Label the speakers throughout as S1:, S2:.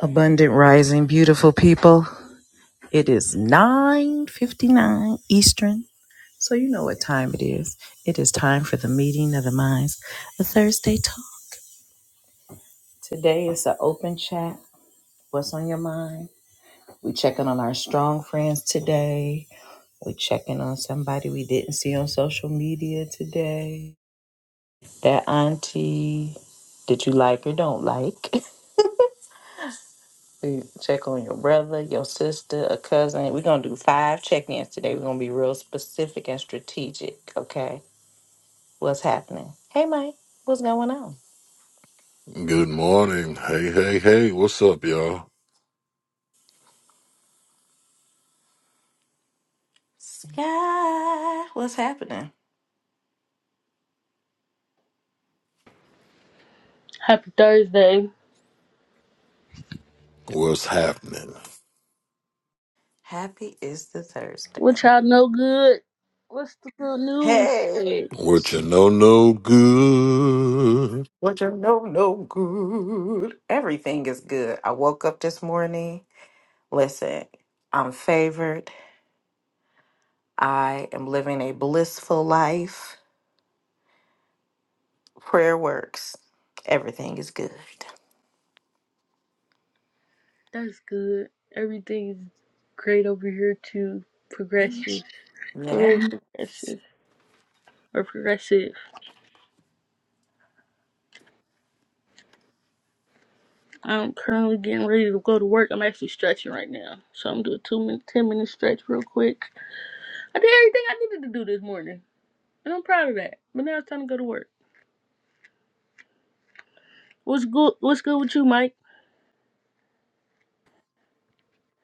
S1: Abundant rising, beautiful people. It is 9:59 Eastern. So you know what time it is. It is time for the meeting of the minds, a Thursday talk. Today is an open chat. What's on your mind? We checking on our strong friends today. We checking on somebody we didn't see on social media today. That auntie that you like or don't like. We check on your brother, your sister, a cousin. We're gonna do five check-ins today. We're gonna be real specific and strategic. Okay, what's happening? Hey, Mike, what's going on?
S2: Good morning. Hey, hey, hey. What's up, y'all?
S1: Sky, what's happening?
S3: Happy Thursday.
S2: What's happening?
S1: Happy is the Thursday.
S3: What y'all know good? What's the good news?
S1: Hey,
S2: What you know, no good.
S1: what you know? No good. Everything is good. I woke up this morning. Listen, I'm favored. I am living a blissful life. Prayer works. Everything is good.
S3: That's good. Everything's great over here too. Progressive.
S1: Yeah.
S3: Very progressive. Or progressive. I'm currently getting ready to go to work. I'm actually stretching right now. So I'm doing a two minute ten minute stretch real quick. I did everything I needed to do this morning. And I'm proud of that. But now it's time to go to work. What's good what's good with you, Mike?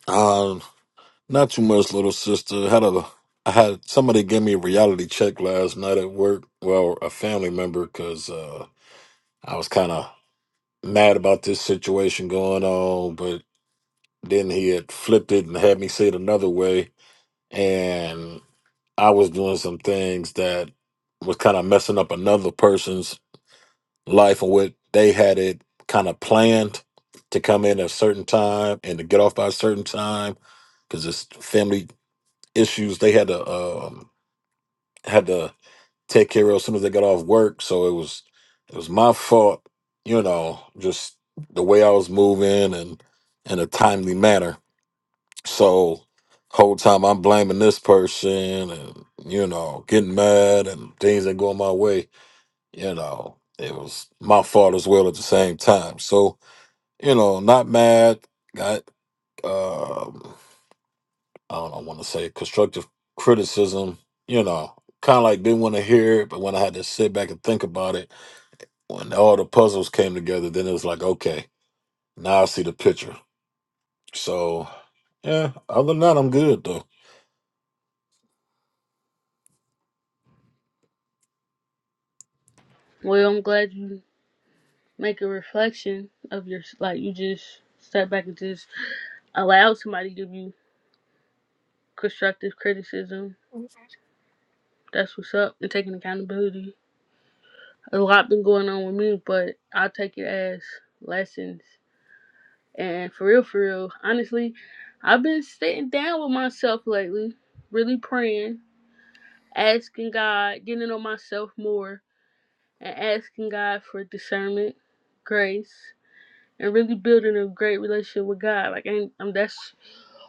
S2: Um, not too much, little sister. Had a, I had somebody give me a reality check last night at work. Well, a family member, because uh, I was kind of mad about this situation going on, but then he had flipped it and had me say it another way, and I was doing some things that was kind of messing up another person's life and what they had it kind of planned to come in at a certain time and to get off by a certain time because it's family issues they had to um, had to take care of as soon as they got off work. So it was it was my fault, you know, just the way I was moving and in a timely manner. So whole time I'm blaming this person and you know getting mad and things that go my way you know, it was my fault as well at the same time. So, you know, not mad. Got um I don't know, want to say constructive criticism, you know, kind of like didn't want to hear it, but when I had to sit back and think about it, when all the puzzles came together, then it was like, okay, now I see the picture. So, yeah, other than that, I'm good though.
S3: Well, I'm glad you make a reflection of your like you just sat back and just allow somebody to give you constructive criticism. That's what's up. And taking accountability. A lot been going on with me, but I take it as lessons. And for real, for real, honestly, I've been sitting down with myself lately, really praying, asking God, getting to know myself more, and asking God for discernment, grace, and really building a great relationship with God. Like, and, um, that's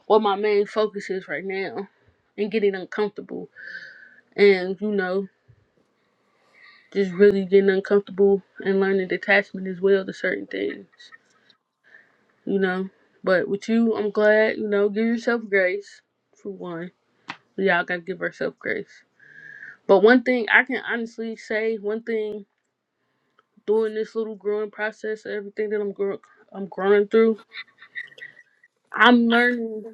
S3: what my main focus is right now, and getting uncomfortable and you know just really getting uncomfortable and learning detachment as well to certain things, you know. But with you, I'm glad, you know, give yourself grace for one. We all gotta give ourselves grace. But one thing I can honestly say, one thing during this little growing process, everything that I'm growing, I'm growing through, I'm learning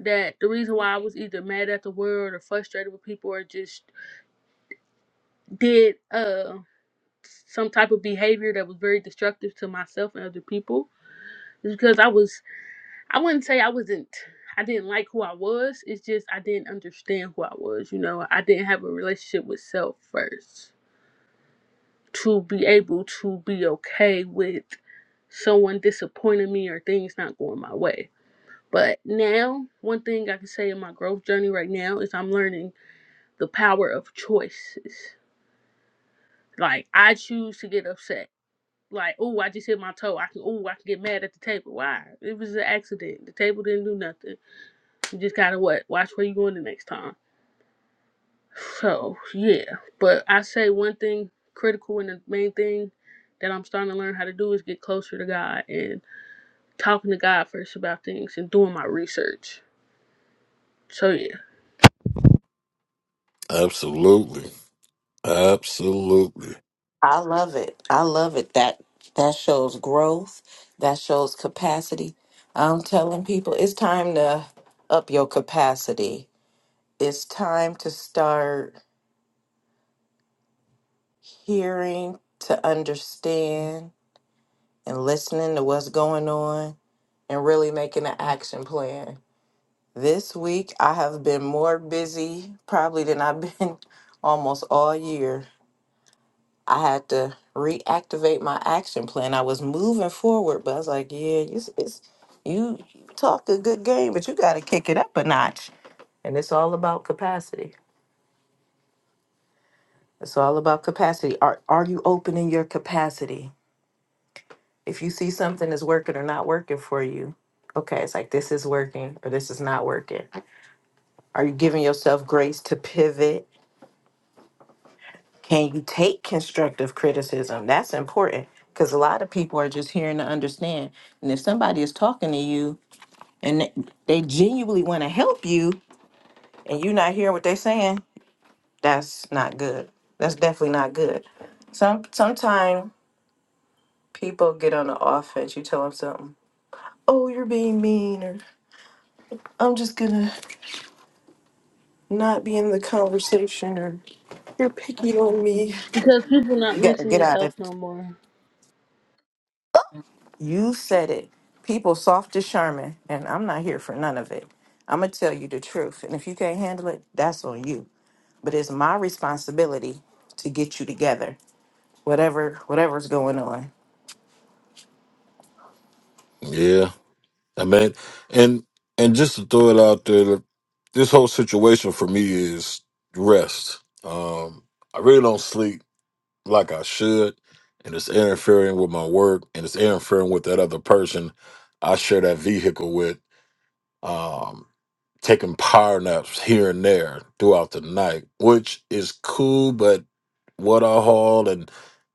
S3: that the reason why I was either mad at the world or frustrated with people or just did uh some type of behavior that was very destructive to myself and other people is because I was. I wouldn't say I wasn't I didn't like who I was. It's just I didn't understand who I was, you know. I didn't have a relationship with self first. To be able to be okay with someone disappointing me or things not going my way. But now, one thing I can say in my growth journey right now is I'm learning the power of choices. Like I choose to get upset. Like, oh, I just hit my toe. I can, oh, I can get mad at the table. Why? It was an accident. The table didn't do nothing You just gotta what? Watch where you going the next time. So yeah, but I say one thing critical and the main thing that I'm starting to learn how to do is get closer to God and talking to God first about things and doing my research. So yeah,
S2: Absolutely. Absolutely.
S1: I love it. I love it. That that shows growth. That shows capacity. I'm telling people it's time to up your capacity. It's time to start hearing to understand and listening to what's going on and really making an action plan. This week I have been more busy probably than I've been almost all year I had to reactivate my action plan. I was moving forward, but I was like, yeah, you, it's, you you talk a good game, but you got to kick it up a notch. And it's all about capacity. It's all about capacity. Are, are you opening your capacity? If you see something is working or not working for you, okay, it's like this is working or this is not working. Are you giving yourself grace to pivot Can you take constructive criticism? That's important because a lot of people are just hearing to understand. And if somebody is talking to you and they they genuinely want to help you and you're not hearing what they're saying, that's not good. That's definitely not good. Some sometimes people get on the offense. You tell them something. Oh, you're being mean, or I'm just gonna not be in the conversation, or you're picking on me.
S3: because people not
S1: You gotta get
S3: mentally
S1: out
S3: tough
S1: of it.
S3: no more.
S1: You said it. People soft as Sherman, and I'm not here for none of it. I'm going to tell you the truth. And if you can't handle it, that's on you. But it's my responsibility to get you together, whatever whatever's going on.
S2: yeah. Amen. And and just to throw it out there, like, this whole situation for me is rest. Um, I really don't sleep like I should, and it's interfering with my work, and it's interfering with that other person I share that vehicle with. Um, taking power naps here and there throughout the night, which is cool, but what I haul and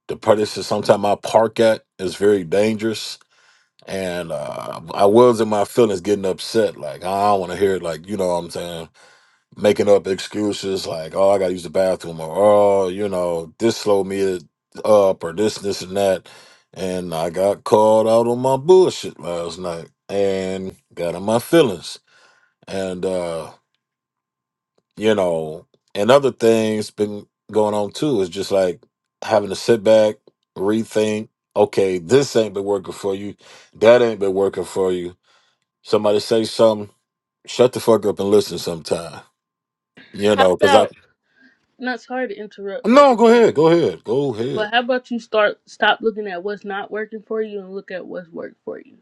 S2: the places sometimes I park at is very dangerous and uh, I was in my feelings getting upset. Like, I don't want to hear it. Like, you know what I'm saying? Making up excuses like, oh, I got to use the bathroom or, oh, you know, this slowed me up or this, this, and that. And I got called out on my bullshit last night and got in my feelings. And, uh, you know, and other things been going on too. It's just like having to sit back, rethink. Okay, this ain't been working for you. That ain't been working for you Somebody say something. Shut the fuck up and listen sometime. You
S3: How
S2: know, because I
S3: about not sorry to interrupt, but
S2: no. Go ahead. Go ahead. Go ahead.
S3: but how about you start stop looking at what's not working for you and look at what's worked for you.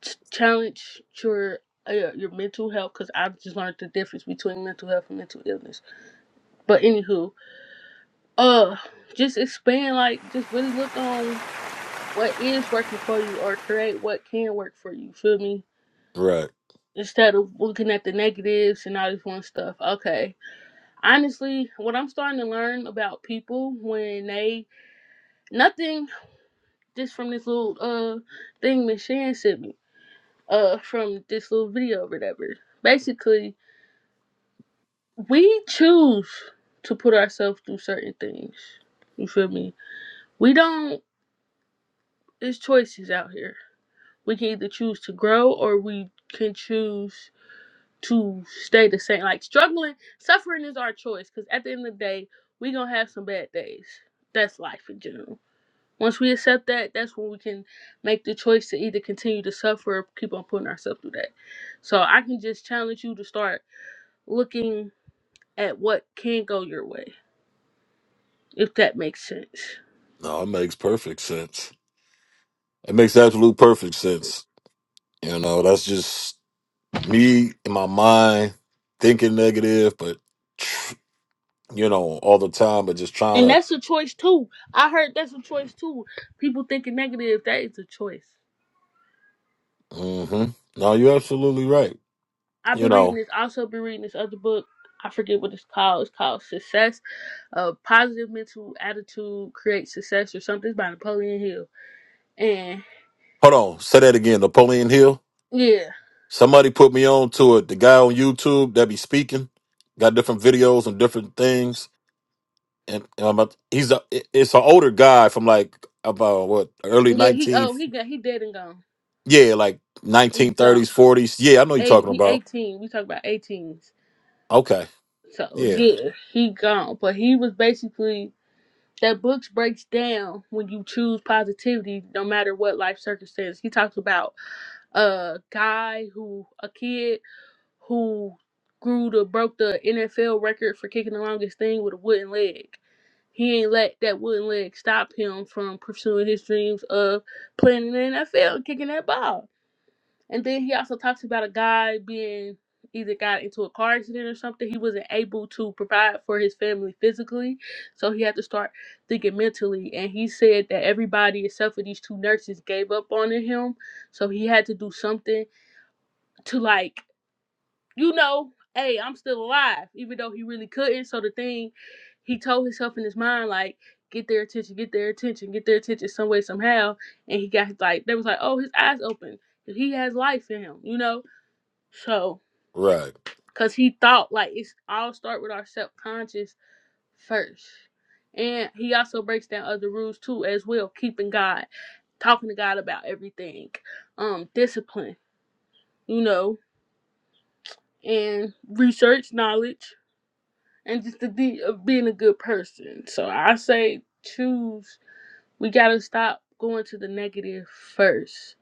S3: Ch- Challenge your uh, your mental health because I've just learned the difference between mental health and mental illness But anywho, uh, just expand, like, just really look on what is working for you or create what can work for you. Feel me?
S2: Right.
S3: Instead of looking at the negatives and all this one stuff. Okay. Honestly, what I'm starting to learn about people when they, nothing just from this little, uh, thing Miss Shan sent me, uh, from this little video or whatever. Basically, we choose to put ourselves through certain things. You feel me? We don't, it's choices out here we can either choose to grow or we can choose to stay the same. Like struggling, suffering is our choice because at the end of the day, we going to have some bad days. That's life in general. Once we accept that, that's when we can make the choice to either continue to suffer or keep on putting ourselves through that. So I can just challenge you to start looking at what can go your way, if that makes sense.
S2: No, it makes perfect sense. It makes absolute perfect sense. You know, that's just me in my mind thinking negative, but tr- you know, all the time, but just trying
S3: And
S2: to.
S3: that's a choice too. I heard that's a choice too. People thinking negative, that is a choice.
S2: hmm No, you're absolutely right.
S3: I've
S2: You
S3: been reading
S2: know,
S3: this. Also, been reading this other book. I forget what it's called. It's called Success. A Positive Mental Attitude Creates Success, or something. It's by Napoleon Hill. And
S2: hold on. Say that again. Napoleon Hill.
S3: yeah,
S2: Somebody put me on to it. The guy on YouTube that be speaking got different videos and different things and, and I'm about he's a it- it's an older guy from like about what early
S3: yeah, he oh
S2: 19th
S3: he got he dead and gone.
S2: yeah like
S3: He gone.
S2: 1930s 40s yeah I know you're
S3: Eight,
S2: talking
S3: he
S2: about
S3: eighteen. We talk about eighteens.
S2: okay
S3: So
S2: yeah
S3: yeah, he gone. But he was basically that book breaks down when you choose positivity, no matter what life circumstance. He talks about a guy who a kid who grew to broke the NFL record for kicking the longest thing with a wooden leg. He ain't let that wooden leg stop him from pursuing his dreams of playing in the NFL, and kicking that ball. And then he also talks about a guy being either got into a car accident or something. He wasn't able to provide for his family physically, so he had to start thinking mentally. And he said that everybody except for these two nurses gave up on him, so he had to do something to like you know, hey, I'm still alive, even though he really couldn't. So the thing he told himself in his mind, like, get their attention, get their attention, get their attention some way, somehow. And he got like, they was like, oh, his eyes open. He has life in him, you know? So,
S2: right
S3: because he thought, like, it's all start with our subconscious first. And he also breaks down other rules too, as well, keeping God, talking to God about everything, um, discipline, you know, and research knowledge and just the deed of being a good person. So I say choose. We gotta stop going to the negative first.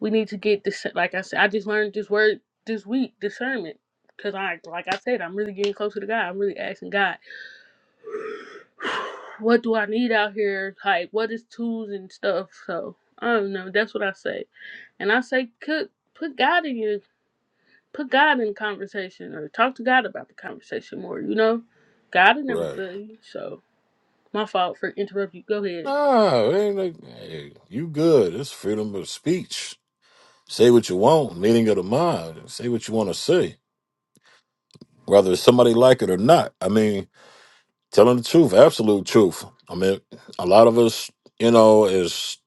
S3: We need to get this. Like I said, I just learned this word this week, discernment. Cause I, like I said, I'm really getting closer to God. I'm really asking God, what do I need out here? Like, what is tools and stuff? So I don't know. That's what I say. And I say, cook, put God in your, put God in the conversation, or talk to God about the conversation more. You know, God will never
S2: right
S3: fail you. So. My fault for interrupting you. Go ahead.
S2: no ain't like, hey, you good it's freedom of speech say what you want meaning of the mind say what you want to say whether somebody like it or not I mean telling the truth absolute truth I mean a lot of us you know is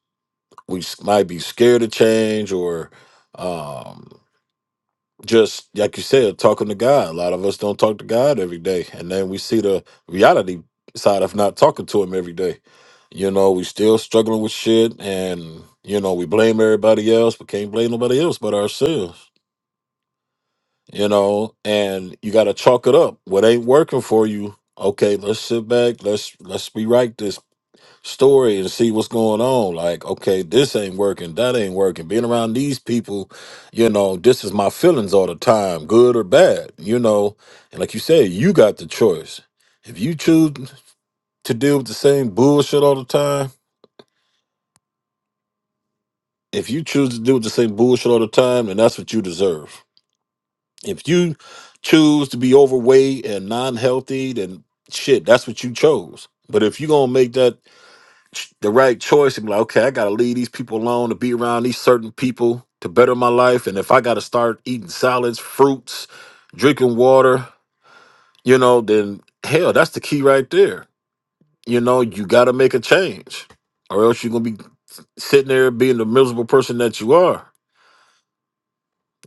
S2: we s- might be scared to change or um just like you said, talking to God. A lot of us don't talk to God every day, and then we see the reality side of not talking to Him every day. You know, we still struggling with shit, and you know, we blame everybody else, but can't blame nobody else but ourselves. You know, and you got to chalk it up. What ain't working for you? Okay, let's sit back. Let's let's rewrite this story and see what's going on. Like, okay, this ain't working, that ain't working. Being around these people, you know, this is my feelings all the time, good or bad, you know. And like you said, you got the choice. If you choose to deal with the same bullshit all the time, if you choose to deal with the same bullshit all the time, then that's what you deserve. If you choose to be overweight and non healthy, then shit, that's what you chose. But if you gonna make that ch- the right choice and be like, okay, I gotta leave these people alone to be around these certain people to better my life. And if I gotta start eating salads, fruits, drinking water, you know, then hell, that's the key right there. You know, you gotta make a change. Or else you're gonna be sitting there being the miserable person that you are.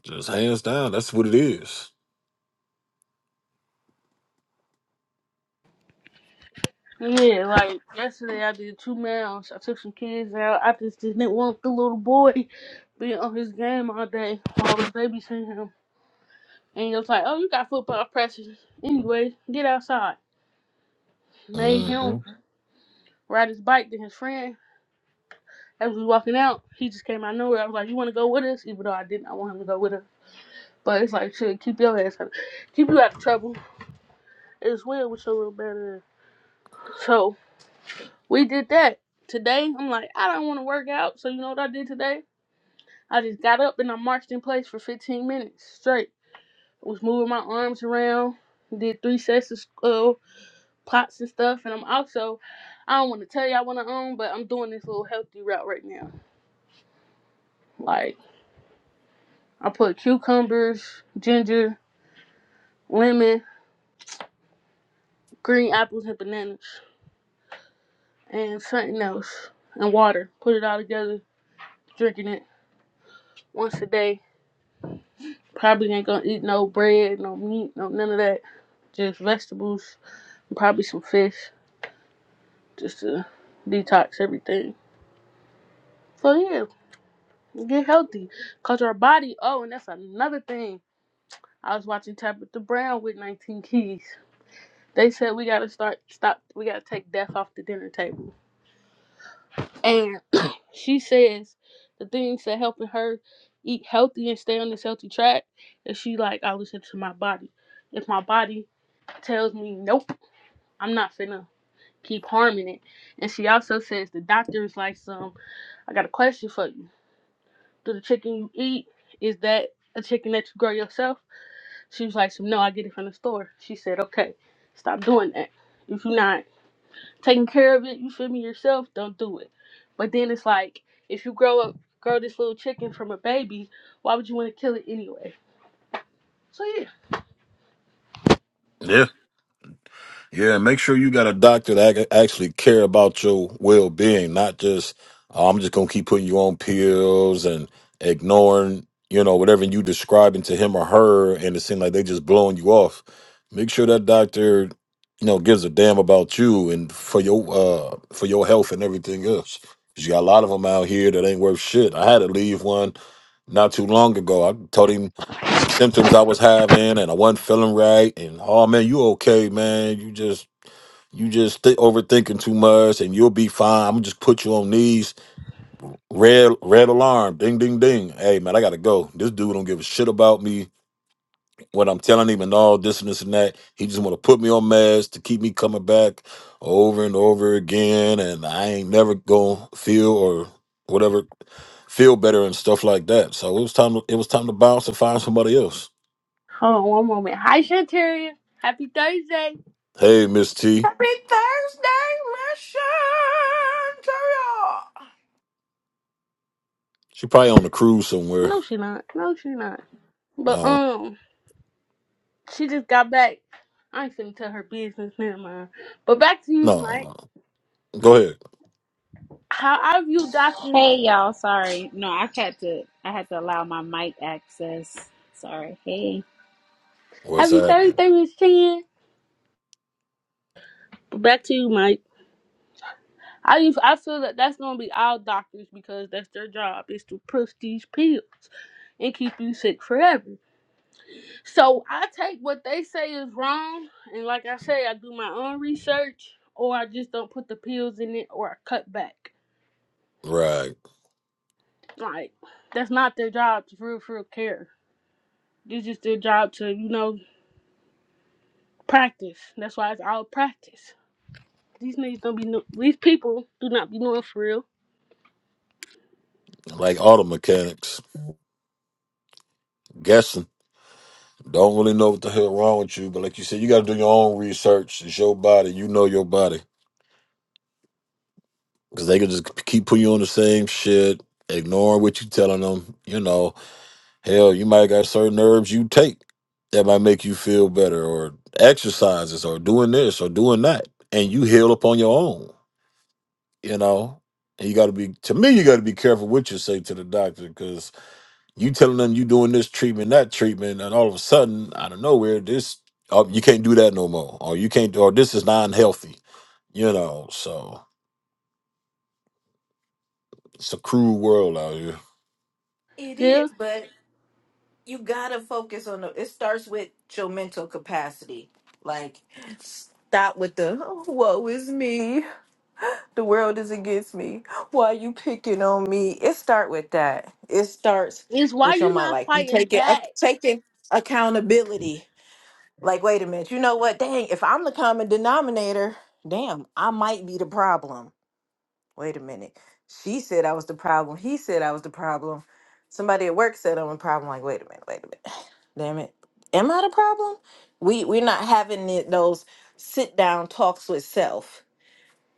S2: Just hands down, that's what it is.
S3: Yeah, like yesterday I did two miles. I took some kids out. I just didn't want the little boy being on his game all day while I was babysitting him. And he was like, Oh, you got football practice. Anyway, get outside. Made him
S2: Mhm.
S3: ride his bike to his friend. As we walking out, he just came out of nowhere. I was like, You wanna go with us? Even though I did not I want him to go with us. But it's like shit, keep your ass out keep you out of trouble as well with your little bad ass. So We did that today. I'm like, I don't want to work out, so you know what I did today? I just got up and I marched in place for 15 minutes straight. I was moving my arms around, did three sets of uh, plots and stuff, and I'm also, I don't want to tell y'all what I own, but I'm doing this little healthy route right now. Like, I put cucumbers, ginger, lemon, green apples, and bananas, and something else, and water. Put it all together, drinking it once a day Probably ain't gonna eat no bread, no meat, no none of that. Just vegetables, probably some fish, just to detox everything. So yeah, get healthy, cause your body. Oh, and that's another thing. I was watching Tabitha Brown with 19 Keys. They said we gotta start stop. We gotta take death off the dinner table. And she says the things that helping her eat healthy and stay on this healthy track. And she like I listen to my body. If my body tells me nope, I'm not finna keep harming it. And she also says the doctor is like, "Some I got a question for you. Do the chicken you eat is that a chicken that you grow yourself?" She was like, "Some no, I get it from the store." She said, "Okay, stop doing that. If you're not taking care of it, you feel me yourself, don't do it." But then it's like, if you grow up, grow this little chicken from a baby, why would you want to kill it anyway? So yeah.
S2: Yeah, make sure you got a doctor that ac- actually care about your well being, not just "Oh, I'm just gonna keep putting you on pills and ignoring, you know, whatever you describing to him or her, and it seems like they just blowing you off. Make sure that doctor, you know, gives a damn about you and for your uh for your health and everything else. 'Cause you got a lot of them out here that ain't worth shit. I had to leave one not too long ago. I told him symptoms I was having and I wasn't feeling right. And oh man, you okay, man? You just you just th- overthinking too much, and you'll be fine. I'm gonna just put you on these red red alarm, ding ding ding. Hey man, I gotta go. This dude don't give a shit about me. What I'm telling him and all this and this and that. He just want to put me on meds to keep me coming back over and over again, and I ain't never gonna feel or whatever feel better and stuff like that. So it was time. To, it was time to bounce and find somebody else.
S3: Hold on one moment. Hi, Shantaria. Happy Thursday.
S2: Hey, Miss T,
S1: Happy Thursday, mission to y'all.
S2: she probably on a cruise somewhere.
S3: No, she not. No, she not. But
S2: Uh,
S3: um. She just got back. I ain't finna tell her business, never mind. But back to you,
S2: no,
S3: Mike.
S2: no, no. Go ahead.
S3: How I view doctors.
S4: Hey y'all, sorry. No, I had to I had to allow my mic access. Sorry. Hey.
S2: What's
S3: Have you thirty
S2: happening?
S3: thirty Miss Chan? But back to you, Mike. I use- I feel that that's gonna be all doctors because that's their job is to push these pills and keep you sick forever. So I take what they say is wrong, and like I say, I do my own research, or I just don't put the pills in it, or I cut back.
S2: Right.
S3: Like that's not their job to real, real care. It's just their job to you know Practice. That's why it's all practice. These niggas don't be know- these people do not be knowing for real.
S2: Like auto mechanics, guessing. Don't really know what the hell wrong with you, but like you said, you got to do your own research. It's your body. You know your body. Because they can just keep putting you on the same shit, ignoring what you telling them. You know, hell, you might got certain herbs you take that might make you feel better, or exercises, or doing this, or doing that. And you heal up on your own, you know? And you got to be, to me, you got to be careful what you say to the doctor because You telling them you doing this treatment, that treatment, and all of a sudden, out of nowhere, this oh, you can't do that no more, or you can't, or this is non healthy. You know, so it's a cruel world out here.
S1: It
S3: Yeah.
S1: is, but you got to focus on the, it starts with your mental capacity. Like, stop with the, "Oh, woe is me. The world is against me. Why you picking on me? It start with that. It starts
S3: It's why
S1: with your
S3: you
S1: mind,
S3: not
S1: like you
S3: fighting
S1: taking ac-
S3: back.
S1: taking accountability. Like, wait a minute. You know what? Dang, if I'm the common denominator, damn, I might be the problem. Wait a minute. She said I was the problem. He said I was the problem. Somebody at work said I'm a problem. Like, wait a minute. Wait a minute. Damn it. Am I the problem? We we're not having it, those sit down talks with self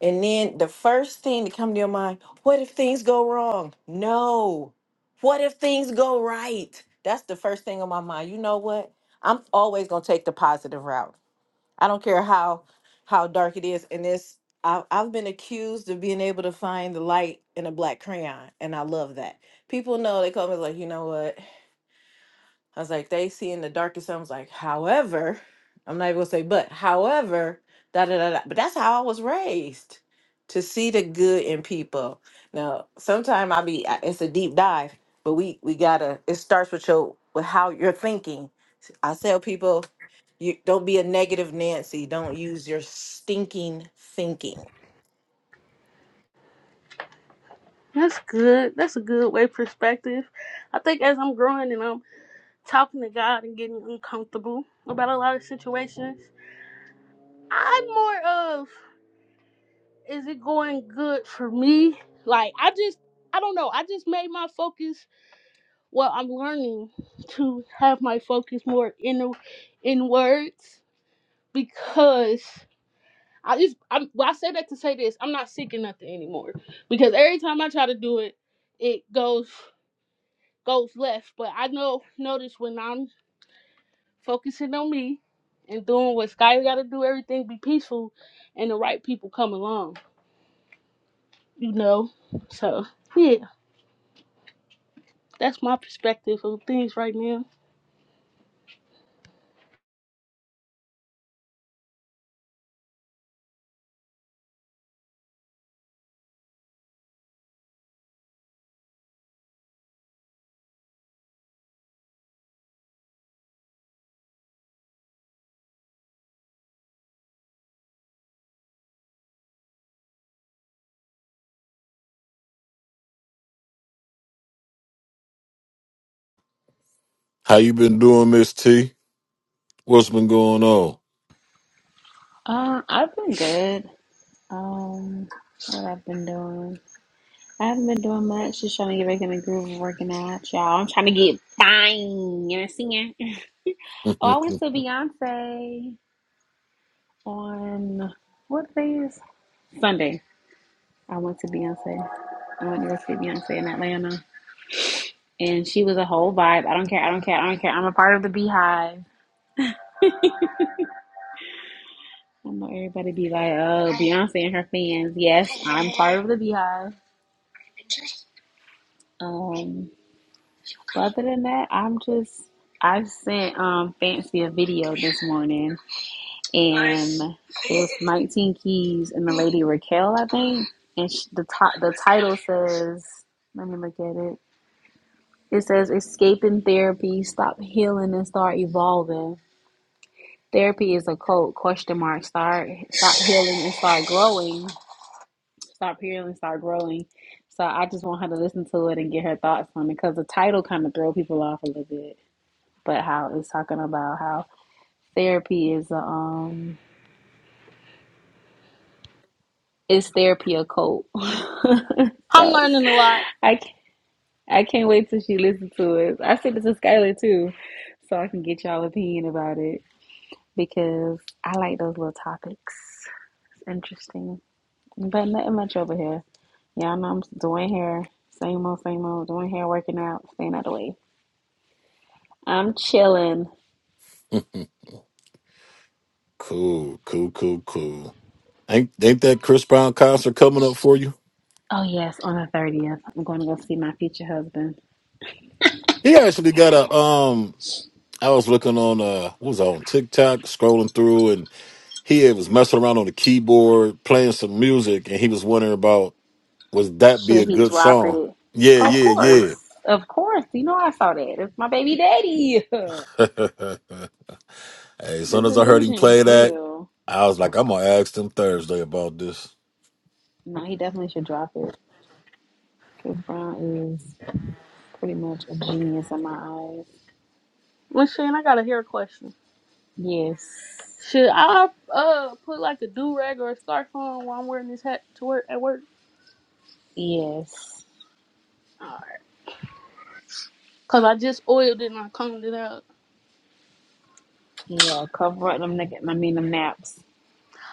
S1: and then the first thing to come to your mind, what if things go wrong? No. What if things go right? That's the first thing on my mind. You know what? I'm always gonna take the positive route. I don't care how how dark it is. And this i I've been accused of being able to find the light in a black crayon, and I love that. People know they call me like, you know what? I was like, they see in the darkest. I was like, however, I'm not even gonna say, but however, da da da da. But that's how I was raised to see the good in people. Now, sometimes I be, I- it's a deep dive, but we we gotta. It starts with your with how you're thinking. I tell people, you don't be a negative Nancy. Don't use your stinking thinking.
S3: That's good. That's a good way perspective. I think as I'm growing and I'm talking to God and getting uncomfortable about a lot of situations, I'm more of is it going good for me? Like I just I don't know. I just made my focus well, I'm learning to have my focus more in in words because I just I'm, well, I say that to say this. I'm not seeking nothing anymore because every time I try to do it, it goes goes left. But I know notice when I'm focusing on me and doing what Sky got to do, everything be peaceful, and the right people come along. You know, so yeah, that's my perspective of things right now.
S2: How you been doing, Miss T? What's been going on?
S4: Um, I've been good. Um, what I've been doing. I haven't been doing much, just trying to get back in the groove of working out, y'all. I'm trying to get fine. You know singing. Oh, I went to Beyonce on what day is Sunday. I went to Beyonce. I went to go see Beyonce in Atlanta. And she was a whole vibe. I don't care, I don't care, I don't care. I'm a part of the beehive. I know everybody be like, oh, Beyonce and her fans. Yes, I'm part of the Beehive. Um, but other than that, I'm just I sent um Fancy a video this morning, and it was 19 Keys and the lady Raquel, I think, and sh the top the title says, let me look at it. It says, "Escaping therapy, stop healing and start evolving." Therapy is a cult question mark. Start stop healing and start growing. start peeling, start growing. So I just want her to listen to it and get her thoughts on it because the title kind of throw people off a little bit. But how it's talking about how therapy is a, um is therapy a cult?
S3: I'm
S4: so
S3: learning a lot.
S4: I can't, I can't wait till she listens to it. I sent it to Skylar too, so I can get y'all opinion about it because I like those little topics. It's interesting. But nothing much over here. Y'all know I'm doing hair. Same old, same old. Doing hair, working out, staying out of the way. I'm chilling.
S2: cool, cool, cool, cool. Ain't ain't that Chris Brown concert coming up for you?
S4: Oh, yes, on the 30th. I'm going to go see my future husband.
S2: He actually got a um. I was looking on uh, what was I on TikTok, scrolling through, and He was messing around on the keyboard, playing some music, and he was wondering about would that be a
S4: Should he
S2: good
S4: drop
S2: song?
S4: it?
S2: Yeah,
S4: Of
S2: yeah, yeah.
S4: course. Of course. You know, I saw that. It's my baby daddy. the
S2: hey, as soon as I heard him
S4: delusion is
S2: play that,
S4: real.
S2: I was like, I'm gonna ask them Thursday about this.
S4: No, he definitely should drop it. Because Brown is pretty much a genius in my eyes.
S3: Well, Shane, I got a hair question.
S4: Yes.
S3: Should I uh put like a do rag or a scarf on while I'm wearing this hat to work at work?
S4: Yes.
S3: All right. Cause I just oiled it and I combed it out.
S4: Yeah, cover up them, nigga- I mean, them naps.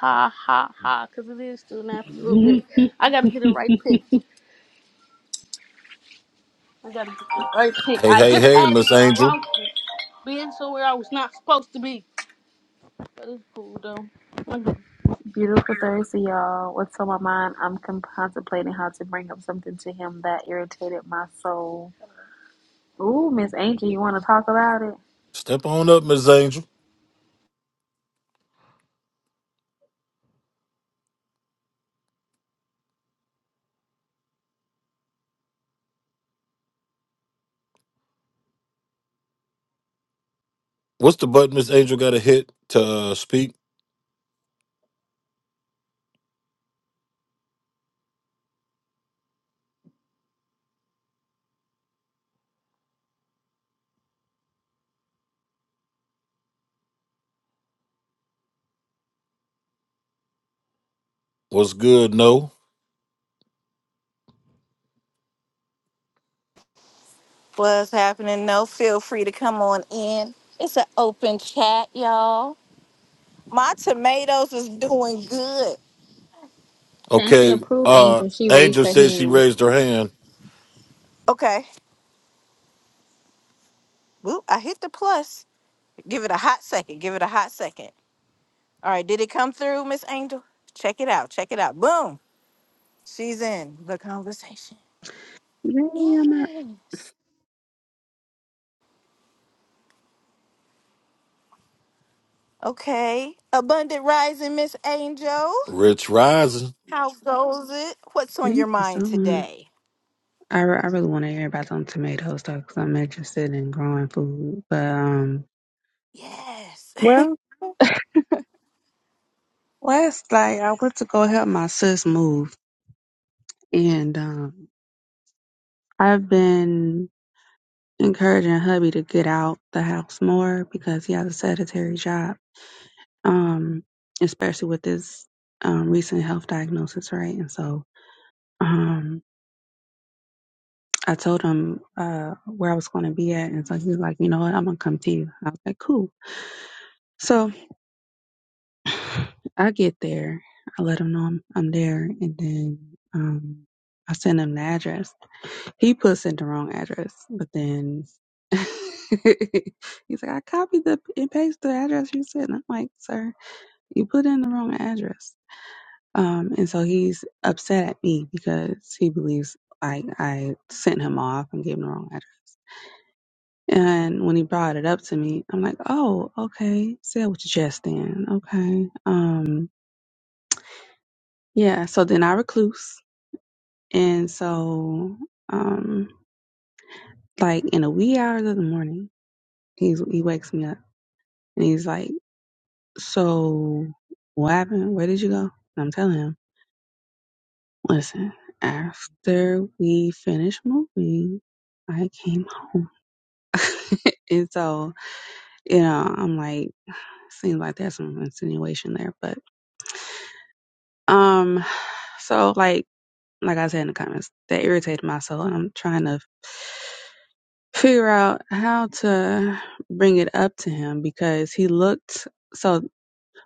S3: Ha ha ha. Cause it is still nappy a little bit. I gotta get the right pick. I gotta get the right pick.
S2: Hey,
S3: I
S2: hey,
S3: just
S2: hey,
S3: had it,
S2: Miss
S3: but I
S2: Angel,
S3: lost it. Being somewhere I was not supposed to be. But it's cool though.
S4: Beautiful Thursday, y'all. What's on my mind? I'm con- contemplating how to bring up something to him that irritated my soul. Ooh, Miss Angel, you want to talk about it?
S2: step on up, Miss Angel. What's the button Miss Angel got to hit to uh, speak? What's good? No.
S1: What's happening? No, feel free to come on in. It's an open chat, y'all. My tomatoes is doing good.
S4: Fancy
S2: Okay.
S4: approve,
S2: Uh,
S4: Angel. She raised
S2: Angel
S4: her
S2: said she
S4: hand.
S2: raised her hand.
S1: Okay. Whoop, I hit the plus. Give it a hot second. Give it a hot second. All right. Did it come through, Miss Angel? Check it out. Check it out. Boom. She's in the conversation.
S5: Yeah, I'm not.
S1: Yes. Okay. Abundant rising, Miss Angel.
S2: Rich rising.
S1: How goes it? What's on your
S5: thank you so
S1: mind
S5: much.
S1: today?
S5: I, re- I really want to hear about them tomatoes though, because I'm interested in growing food. But um,
S1: Yes.
S5: well, last night I went to go help my sis move, and um, I've been encouraging hubby to get out the house more because he has a sedentary job. Um, especially with this um recent health diagnosis, right? And so um. I told him uh, where I was going to be at, and so he was like, "You know what? I'm gonna come to you." I was like, "Cool." So, I get there. I let him know I'm, I'm there, and then um, I send him the address. He puts in the wrong address, but then he's like, "I copied the and pasted the address you said." And I'm like, "Sir, you put in the wrong address." Um, and so he's upset at me because he believes I I sent him off and gave him the wrong address. And when he brought it up to me, I'm like, "Oh, okay. Say it with your chest, then. Okay." Um Yeah, so then I recluse. And so um like in the wee hours of the morning, he's he wakes me up and he's like, So what happened? Where did you go? And I'm telling him, Listen, after we finished moving, I came home. and so, you know, I'm like, seems like there's some insinuation there. But um so like like I said in the comments, that irritated my soul and I'm trying to figure out how to bring it up to him because he looked so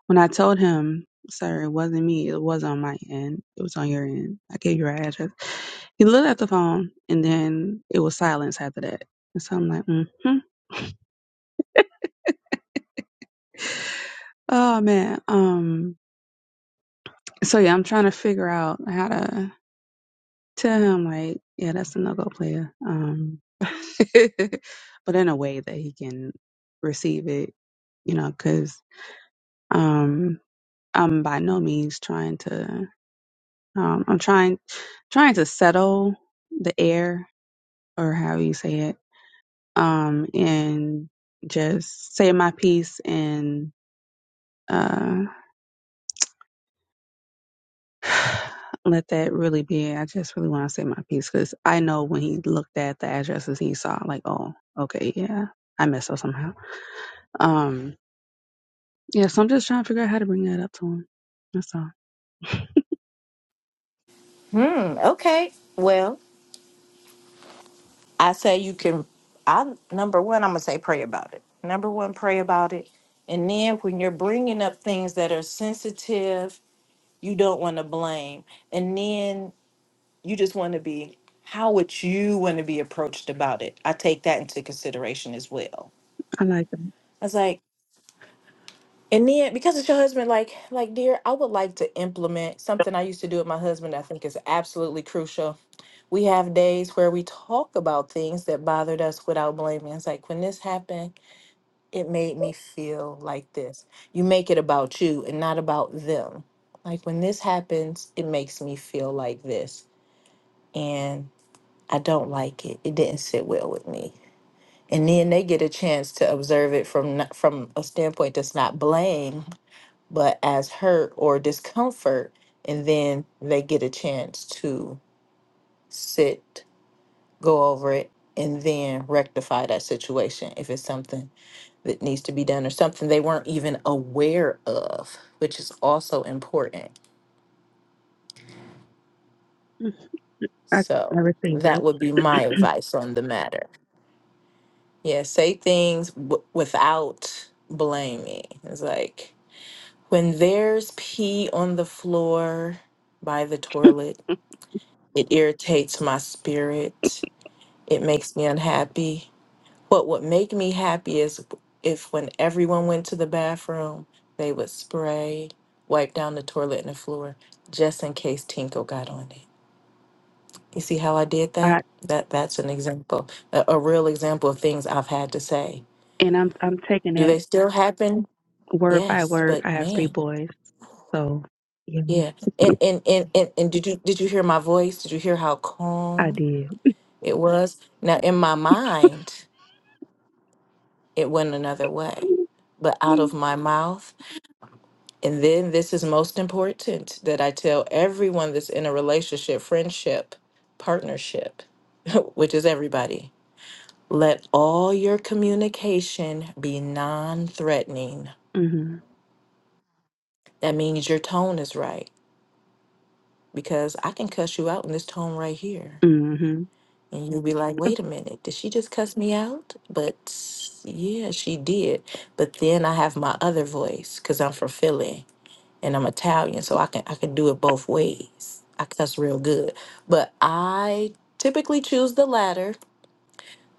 S5: when I told him, sir, it wasn't me, it was on my end. It was on your end. I gave you our address. He looked at the phone and then it was silence after that. And so I'm like, hmm Oh man. Um so yeah, I'm trying to figure out how to tell him like, yeah, that's a no go player. Um but in a way that he can receive it, you know, because um. I'm by no means trying to um I'm trying trying to settle the air or how you say it. Um and just say my piece and uh let that really be it. I just really want to say my piece because I know when he looked at the addresses he saw, like, oh, okay, yeah, I messed up somehow. Um, yeah, so I'm just trying to figure out how to bring that up to him. That's all.
S1: Hmm. Okay. Well, I say you can. I number one, I'm gonna say pray about it. Number one, pray about it, and then when you're bringing up things that are sensitive You don't want to blame. And then you just want to be, how would you want to be approached about it? I take that into consideration as well.
S5: I like them.
S1: I was like, and then because it's your husband, like, like, dear, I would like to implement something I used to do with my husband that I think is absolutely crucial. We have days where we talk about things that bothered us without blaming. It's like when this happened, it made me feel like this. You make it about you and not about them. Like when this happens, it makes me feel like this and I don't like it. It didn't sit well with me. And then they get a chance to observe it from not, from a standpoint that's not blame, but as hurt or discomfort, and then they get a chance to sit, go over it, and then rectify that situation if it's something that needs to be done or something they weren't even aware of, which is also important.
S5: I
S1: So
S5: never think
S1: that
S5: that.
S1: would be my advice on the matter. Yeah, say things w- without blaming. It's like when there's pee on the floor by the toilet, it irritates my spirit. It makes me unhappy. What would make me happy is if when everyone went to the bathroom, they would spray, wipe down the toilet and the floor just in case Tinko got on it. You see how I did
S5: I,
S1: that? That that's an example, a, a real example of things I've had to say.
S5: and I'm I'm taking
S1: Do
S5: that
S1: they still happen?
S5: word by
S1: Yes,
S5: word, I
S1: but
S5: have three
S1: man,
S5: boys. So, yeah,
S1: yeah. And and and and, and did you did you hear my voice? Did you hear how
S5: I
S1: calm
S5: did.
S1: it was? Now in my mind, it went another way. But out of
S5: Mm-hmm.
S1: my mouth, and then this is most important that I tell everyone that's in a relationship, friendship, partnership, which is everybody. Let all your communication be non-threatening. That means your tone is right because I can cuss you out in this tone right here
S5: Mm-hmm.
S1: And you'll be like, wait a minute, did she just cuss me out? But yeah, she did. But then I have my other voice because I'm from Philly and I'm Italian, so I can I can do it both ways. I cuss real good. But I typically choose the latter.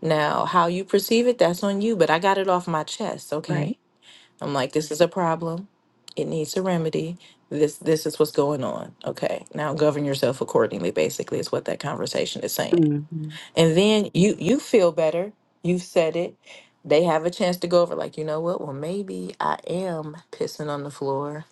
S1: Now, how you perceive it, that's on you, but I got it off my chest,
S5: Right.
S1: okay? I'm like, this is a problem. It needs a remedy. This this is what's going on. Okay. Now govern yourself accordingly, basically, is what that conversation is saying.
S5: Mm-hmm.
S1: And then you you feel better. You've said it. They have a chance to go over, like, you know what? Well, maybe I am pissing on the floor.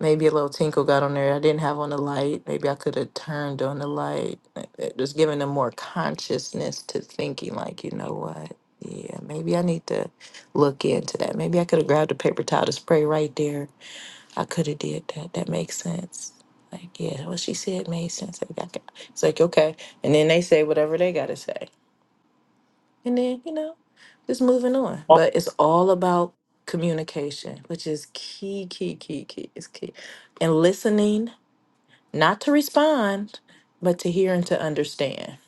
S1: Maybe a little tinkle got on there. I didn't have on the light. Maybe I could have turned on the light. Like, it Just giving them more consciousness to thinking, like, you know what? Yeah, maybe I need to look into that. Maybe I could have grabbed a paper towel to spray right there. I could have did that. That makes sense. Like, yeah, what she said made sense. Like, I can- It's like, okay. And then they say whatever they got to say and then you know just moving on but it's all about communication which is key key key key is key and listening not to respond but to hear and to understand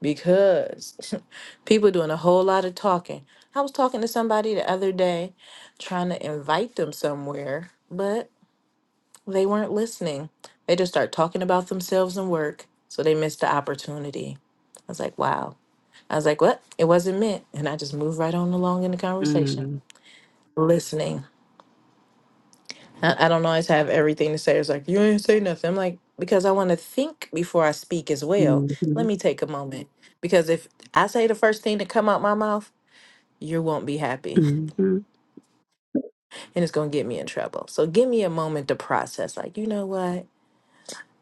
S1: because people doing a whole lot of talking i was talking to somebody the other day trying to invite them somewhere but they weren't listening they just start talking about themselves and work so they missed the opportunity i was like wow I was like, what? It wasn't meant. And I just moved right on along in the conversation,
S5: Mm-hmm.
S1: listening. I, I don't always have everything to say. It's like, you ain't say nothing. I'm like, because I want to think before I speak as well. Let
S5: Mm-hmm.
S1: me take a moment. Because if I say the first thing that come out my mouth, you won't be happy
S5: Mm-hmm. mm-hmm.
S1: and it's going to get me in trouble. So give me a moment to process. Like, you know what?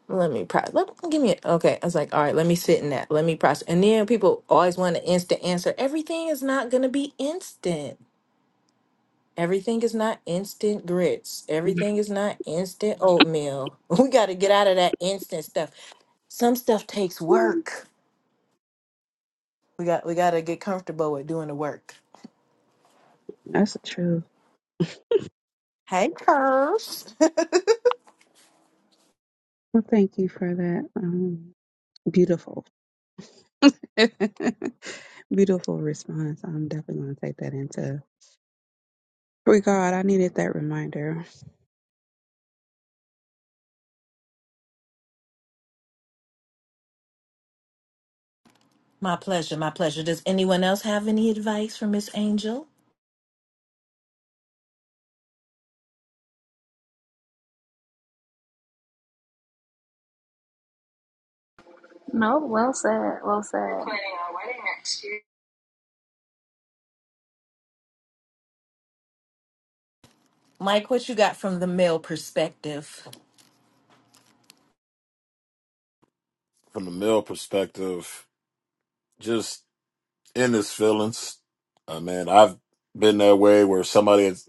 S1: Let me process. Let, give me a, okay. I was like, all right, let me sit in that. Let me process. And then people always want an instant answer. Everything is not going to be instant Everything is not instant grits. Everything is not instant oatmeal. We got to get out of that instant stuff. Some stuff takes work. We got we got to get comfortable with doing the work.
S5: That's the truth.
S1: Hey, Curse.
S5: Well, thank you for that. Um, beautiful. beautiful response. I'm definitely going to take that into regard. I needed that reminder.
S1: My pleasure. My pleasure. Does anyone else have any advice for Miss Angel?
S4: No, well said. Well said. We're Planning our wedding next year.
S1: Mike, what you got from the male perspective?
S2: From the male perspective, just in his feelings. I mean, I've been that way where somebody has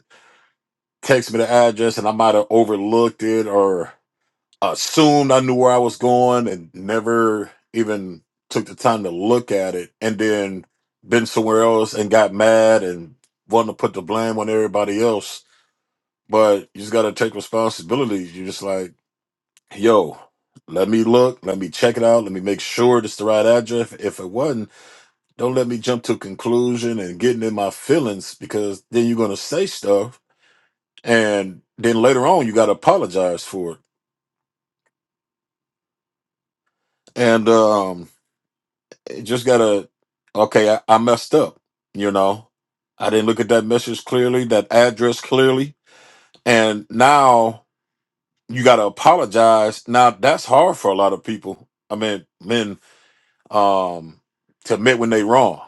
S2: texted me the address and I might have overlooked it or assumed I knew where I was going and never even took the time to look at it and then been somewhere else and got mad and wanted to put the blame on everybody else. But you just got to take responsibility. You're just like, yo, let me look, let me check it out, let me make sure it's the right address. If it wasn't, don't let me jump to conclusion and getting in my feelings because then you're gonna say stuff and then later on you gotta apologize for it. And um it just gotta okay, I, I messed up, you know. I didn't look at that message clearly, that address clearly, and now you gotta apologize. Now that's hard for a lot of people. I mean, men um, to admit when they wrong.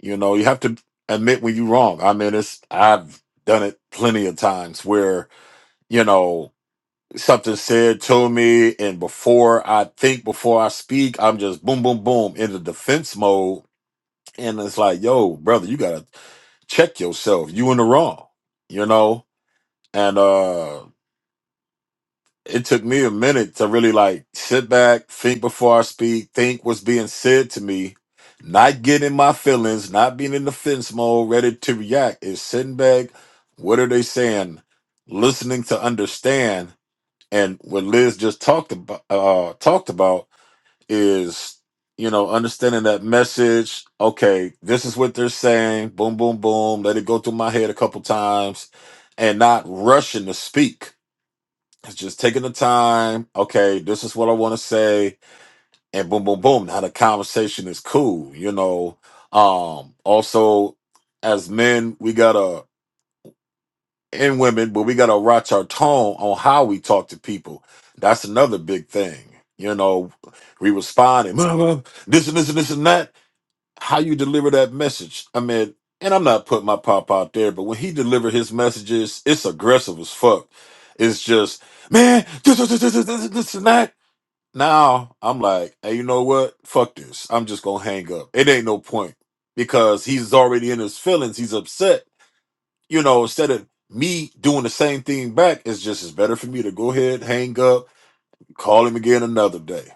S2: You know, you have to admit when you're wrong. I mean, it's I've done it plenty of times where you know something said to me, and before I think, before I speak, I'm just boom, boom, boom in the defense mode, and it's like, yo, brother, you gotta check yourself. You in the wrong. You know, and uh it took me a minute to really like sit back, think before I speak, think what's being said to me, not getting in my feelings, not being in defense mode, ready to react. Is sitting back, what are they saying? Listening to understand, and what Liz just talked about uh, talked about is you know understanding that message. Okay, this is what they're saying. Boom, boom, boom. Let it go through my head a couple times, and not rushing to speak it's just taking the time. Okay, this is what I want to say, and boom, boom, boom. Now the conversation is cool. You know. Um. Also, as men, we gotta and women, but we gotta watch our tone on how we talk to people. That's another big thing. You know, we responding this and this and this and that how you deliver that message. I mean, and I'm not putting my pop out there, but when he delivered his messages, it's aggressive as fuck. It's just, man, this, this, this, this, this, this and that. Now I'm like, hey, you know what? Fuck this. I'm just gonna hang up. It ain't no point because he's already in his feelings. He's upset. You know, instead of me doing the same thing back, it's just it's better for me to go ahead, hang up, call him again another day,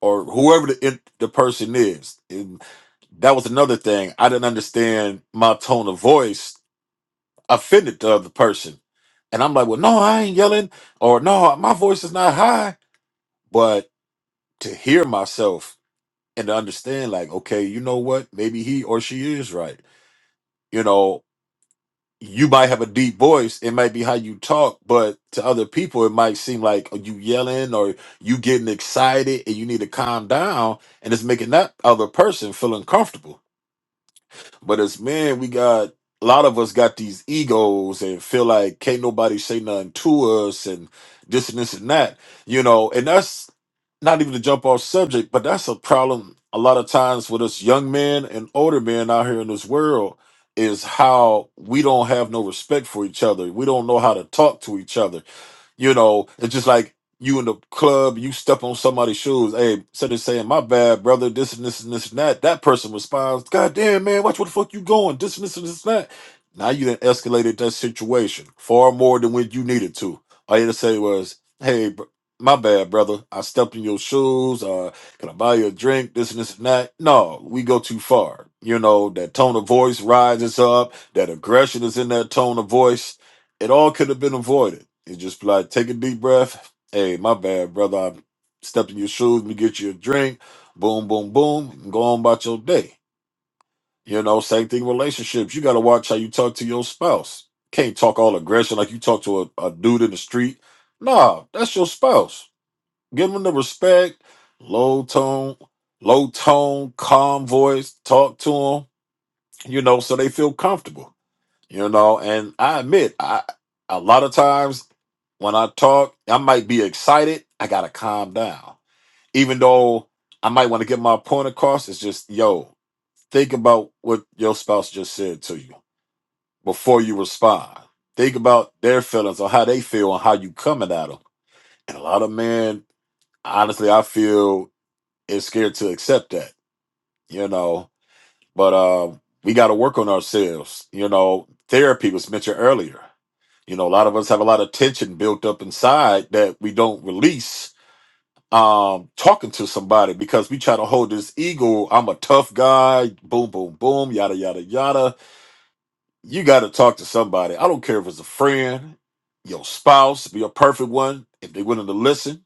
S2: or whoever the the person is. That was another thing. I didn't understand my tone of voice offended the other person. And I'm like, well, no, I ain't yelling, or no, my voice is not high. But to hear myself and to understand, like, okay, you know what? Maybe he or she is right. You know, you might have a deep voice. It might be how you talk, but to other people, it might seem like "Oh, you yelling or you getting excited and you need to calm down. And it's making that other person feel uncomfortable But as men, we got a lot of us got these egos and feel like can't nobody say nothing to us and this and this and that, you know. And that's not even to jump off subject, but that's a problem a lot of times with us young men and older men out here in this world is how we don't have no respect for each other. We don't know how to talk to each other you know, it's just like you in the club, you step on somebody's shoes. Hey, instead of saying my bad, brother, this and this and this and that, that person responds, God damn man, watch where the fuck you going, this and this and this and that. Now you done escalated that situation far more than when you needed to. All you had to say was, Hey, br- my bad, brother. I stepped in your shoes. Uh, can I buy you a drink? This and this and that. No, we go too far. You know, that tone of voice rises up. That aggression is in that tone of voice it all could have been avoided. It just be like take a deep breath. Hey, my bad, brother. I stepped in your shoes. Let me get you a drink. Boom, boom, boom. And go on about your day. You know, same thing. with Relationships. You got to watch how you talk to your spouse. Can't talk all aggression like you talk to a, a dude in the street. Nah, that's your spouse. Give them the respect. Low tone, low tone, calm voice. Talk to them. You know, so they feel comfortable you know and i admit i a lot of times when i talk i might be excited i gotta calm down even though i might want to get my point across it's just yo think about what your spouse just said to you before you respond think about their feelings or how they feel and how you coming at them and a lot of men honestly i feel is scared to accept that you know but uh we got to work on ourselves you know therapy was mentioned earlier You know, a lot of us have a lot of tension built up inside that we don't release um talking to somebody because we try to hold this ego, I'm a tough guy, boom, boom, boom, yada yada yada. You gotta talk to somebody. I don't care if it's a friend, your spouse, be a perfect one, if they're willing to listen.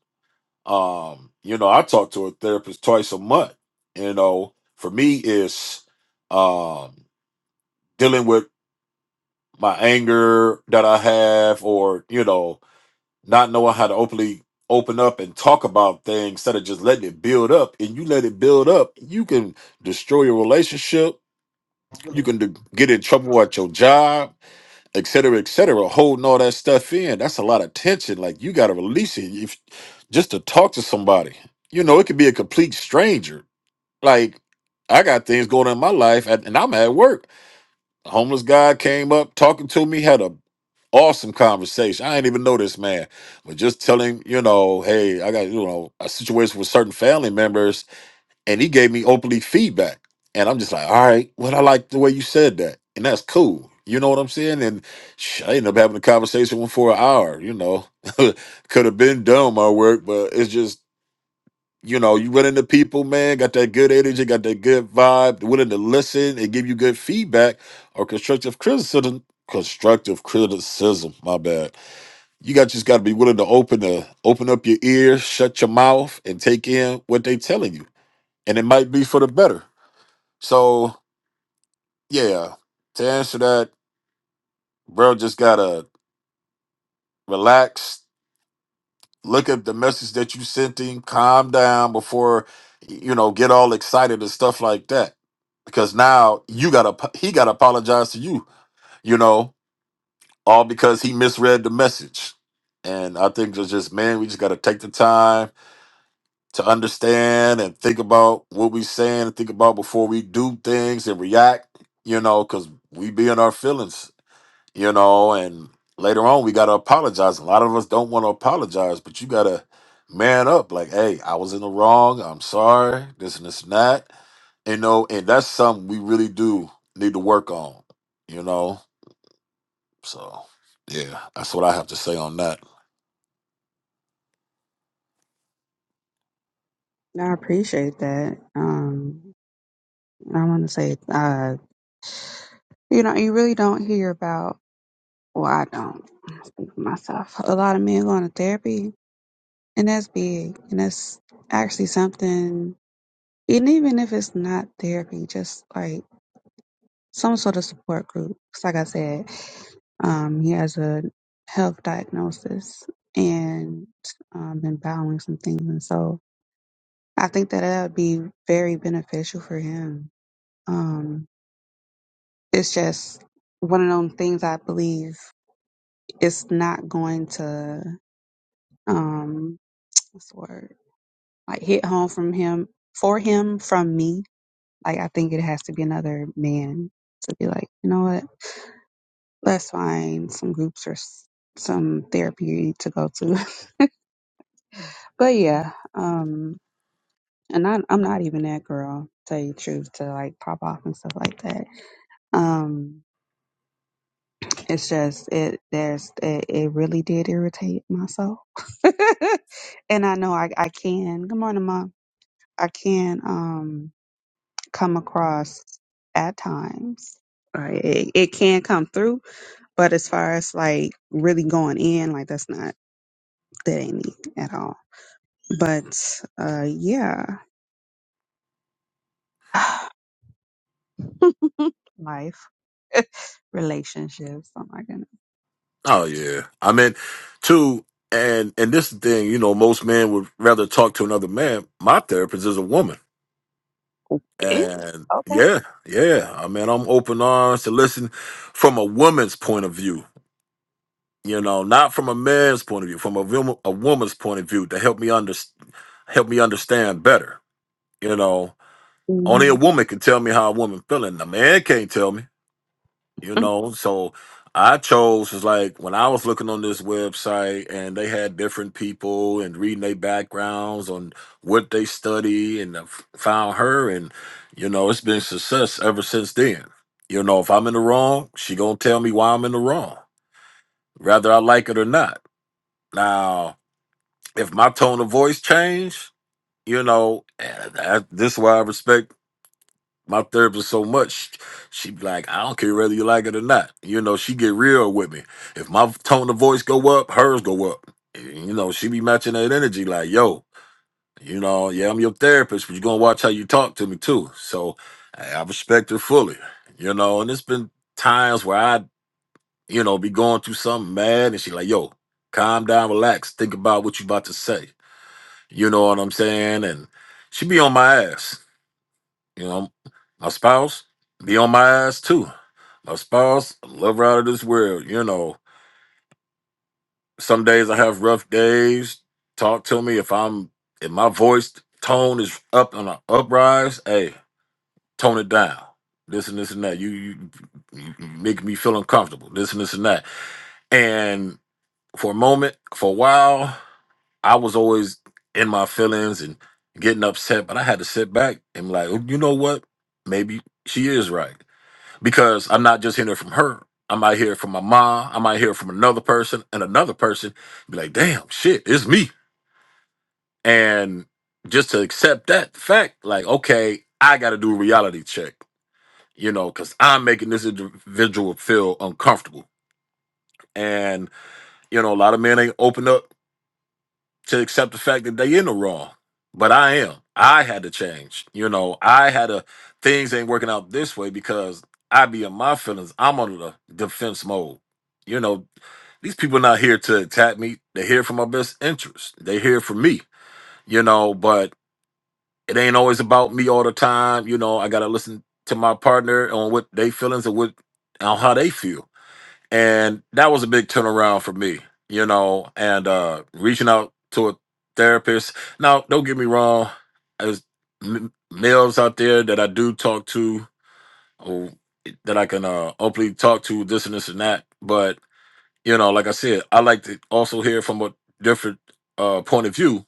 S2: Um, you know, I talk to a therapist twice a month. You know, for me it's um dealing with my anger that I have or, you know, not knowing how to openly open up and talk about things instead of just letting it build up and you let it build up you can destroy your relationship you can de- get in trouble at your job et cetera et cetera holding all that stuff in that's a lot of tension like you got to release it if, just to talk to somebody you know it could be a complete stranger like i got things going on in my life and and i'm at work a homeless guy came up talking to me had a awesome conversation. I ain't even know this man, but just telling you know, hey, I got you know a situation with certain family members, and he gave me openly feedback, and I'm just like, all right, well, I like the way you said that, and that's cool. You know what I'm saying? And sh- I ended up having a conversation with him for an hour. You know, could have been done my work, but it's just. You know, you run into people, man, got that good energy, got that good vibe, willing to listen and give you good feedback or constructive criticism. Constructive criticism, my bad you got just got to be willing to open the open up your ears, shut your mouth, and take in what they telling you, and it might be for the better. So yeah, to answer that, bro, just gotta relax, look at the message that you sent him, calm down before you know get all excited and stuff like that, because now you gotta he gotta apologize to you, you know, all because he misread the message. And I think it's just man, we just gotta take the time to understand and think about what we saying and think about before we do things and react, you know, because we be in our feelings, you know, and later on we gotta apologize. A lot of us don't want to apologize, but you gotta man up, like, hey, I was in the wrong, I'm sorry, this and this and that. You know, and that's something we really do need to work on, you know. So yeah, that's what I have to say on that.
S5: I appreciate that. Um, I want to say, uh, You know, you really don't hear about, well, I don't I speak for myself. A lot of men going to therapy, and that's big. And that's actually something, and even if it's not therapy, just like some sort of support group. 'Cause like I said, um, he has a health diagnosis and um, been battling some things. And so I think that that would be very beneficial for him. Um, it's just one of those things I believe it's not going to um what's the word like hit home from him for him from me like i think it has to be another man to be like you know what let's find some groups or s- some therapy to go to but yeah um and I, i'm not even that girl tell you the truth to like pop off and stuff like that um it's just it there's it, it really did irritate myself and i know i i can good morning mom I can um come across at times. Like it, it can come through, but as far as like really going in, like that's not that ain't me at all. But uh yeah. Life. Relationships. Oh my goodness.
S2: Oh yeah. I mean, two and and this is the thing, you know, most men would rather talk to another man. My therapist is a woman.
S5: Yeah.
S2: And
S5: Okay.
S2: yeah, yeah. I mean, I'm open arms to listen from a woman's point of view. You know, not from a man's point of view, from a woman, a woman's point of view to help me under, help me understand better. You know, only a
S5: hmm
S2: woman can tell me how a woman feeling. A man can't tell me. you know so i chose is like when i was looking on this website and they had different people and reading their backgrounds on what they study and I f- found her and you know it's been success ever since then you know if i'm in the wrong she gonna tell me why i'm in the wrong whether i like it or not now if my tone of voice changed you know eh, that, this is why i respect my therapist so much she be like i don't care whether you like it or not you know she get real with me if my tone of voice go up hers go up you know she be matching that energy like yo you know yeah i'm your therapist but you gonna watch how you talk to me too so i I respect her fully you know and it's been times where i you know be going through something mad and she like yo calm down relax think about what you about to say you know what i'm saying and she be on my ass you know, my spouse be on my ass too. My spouse, I love her out of this world. You know, some days I have rough days. Talk to me if I'm if my voice tone is up on an uprise. Hey, tone it down. This and this and that. You you, you make me feel uncomfortable. This and this and that. And for a moment, for a while, I was always in my feelings and getting upset. But I had to sit back and be like, "Oh, you know what? Maybe she is right because I'm not just hearing it from her. I might hear it from my mom. I might hear it from another person and another person. Be like, damn, shit, it's me. And just to accept that fact, like, okay, I got to do a reality check, you know, because I'm making this individual feel uncomfortable. And you know, a lot of men ain't open up to accept the fact that they in the wrong. But I am. I had to change. You know, I had to things ain't working out this way because I be in my feelings. I'm on the defense mode. You know, these people not here to attack me. They're here for my best interest. They're here for me. You know, but it ain't always about me all the time. You know, I gotta listen to my partner on what they feelings and what on how they feel and that was a big turnaround for me you know and uh reaching out to a therapist now don't get me wrong there's m- males out there that i do talk to or that i can uh openly talk to this and this and that but you know like i said i like to also hear from a different uh point of view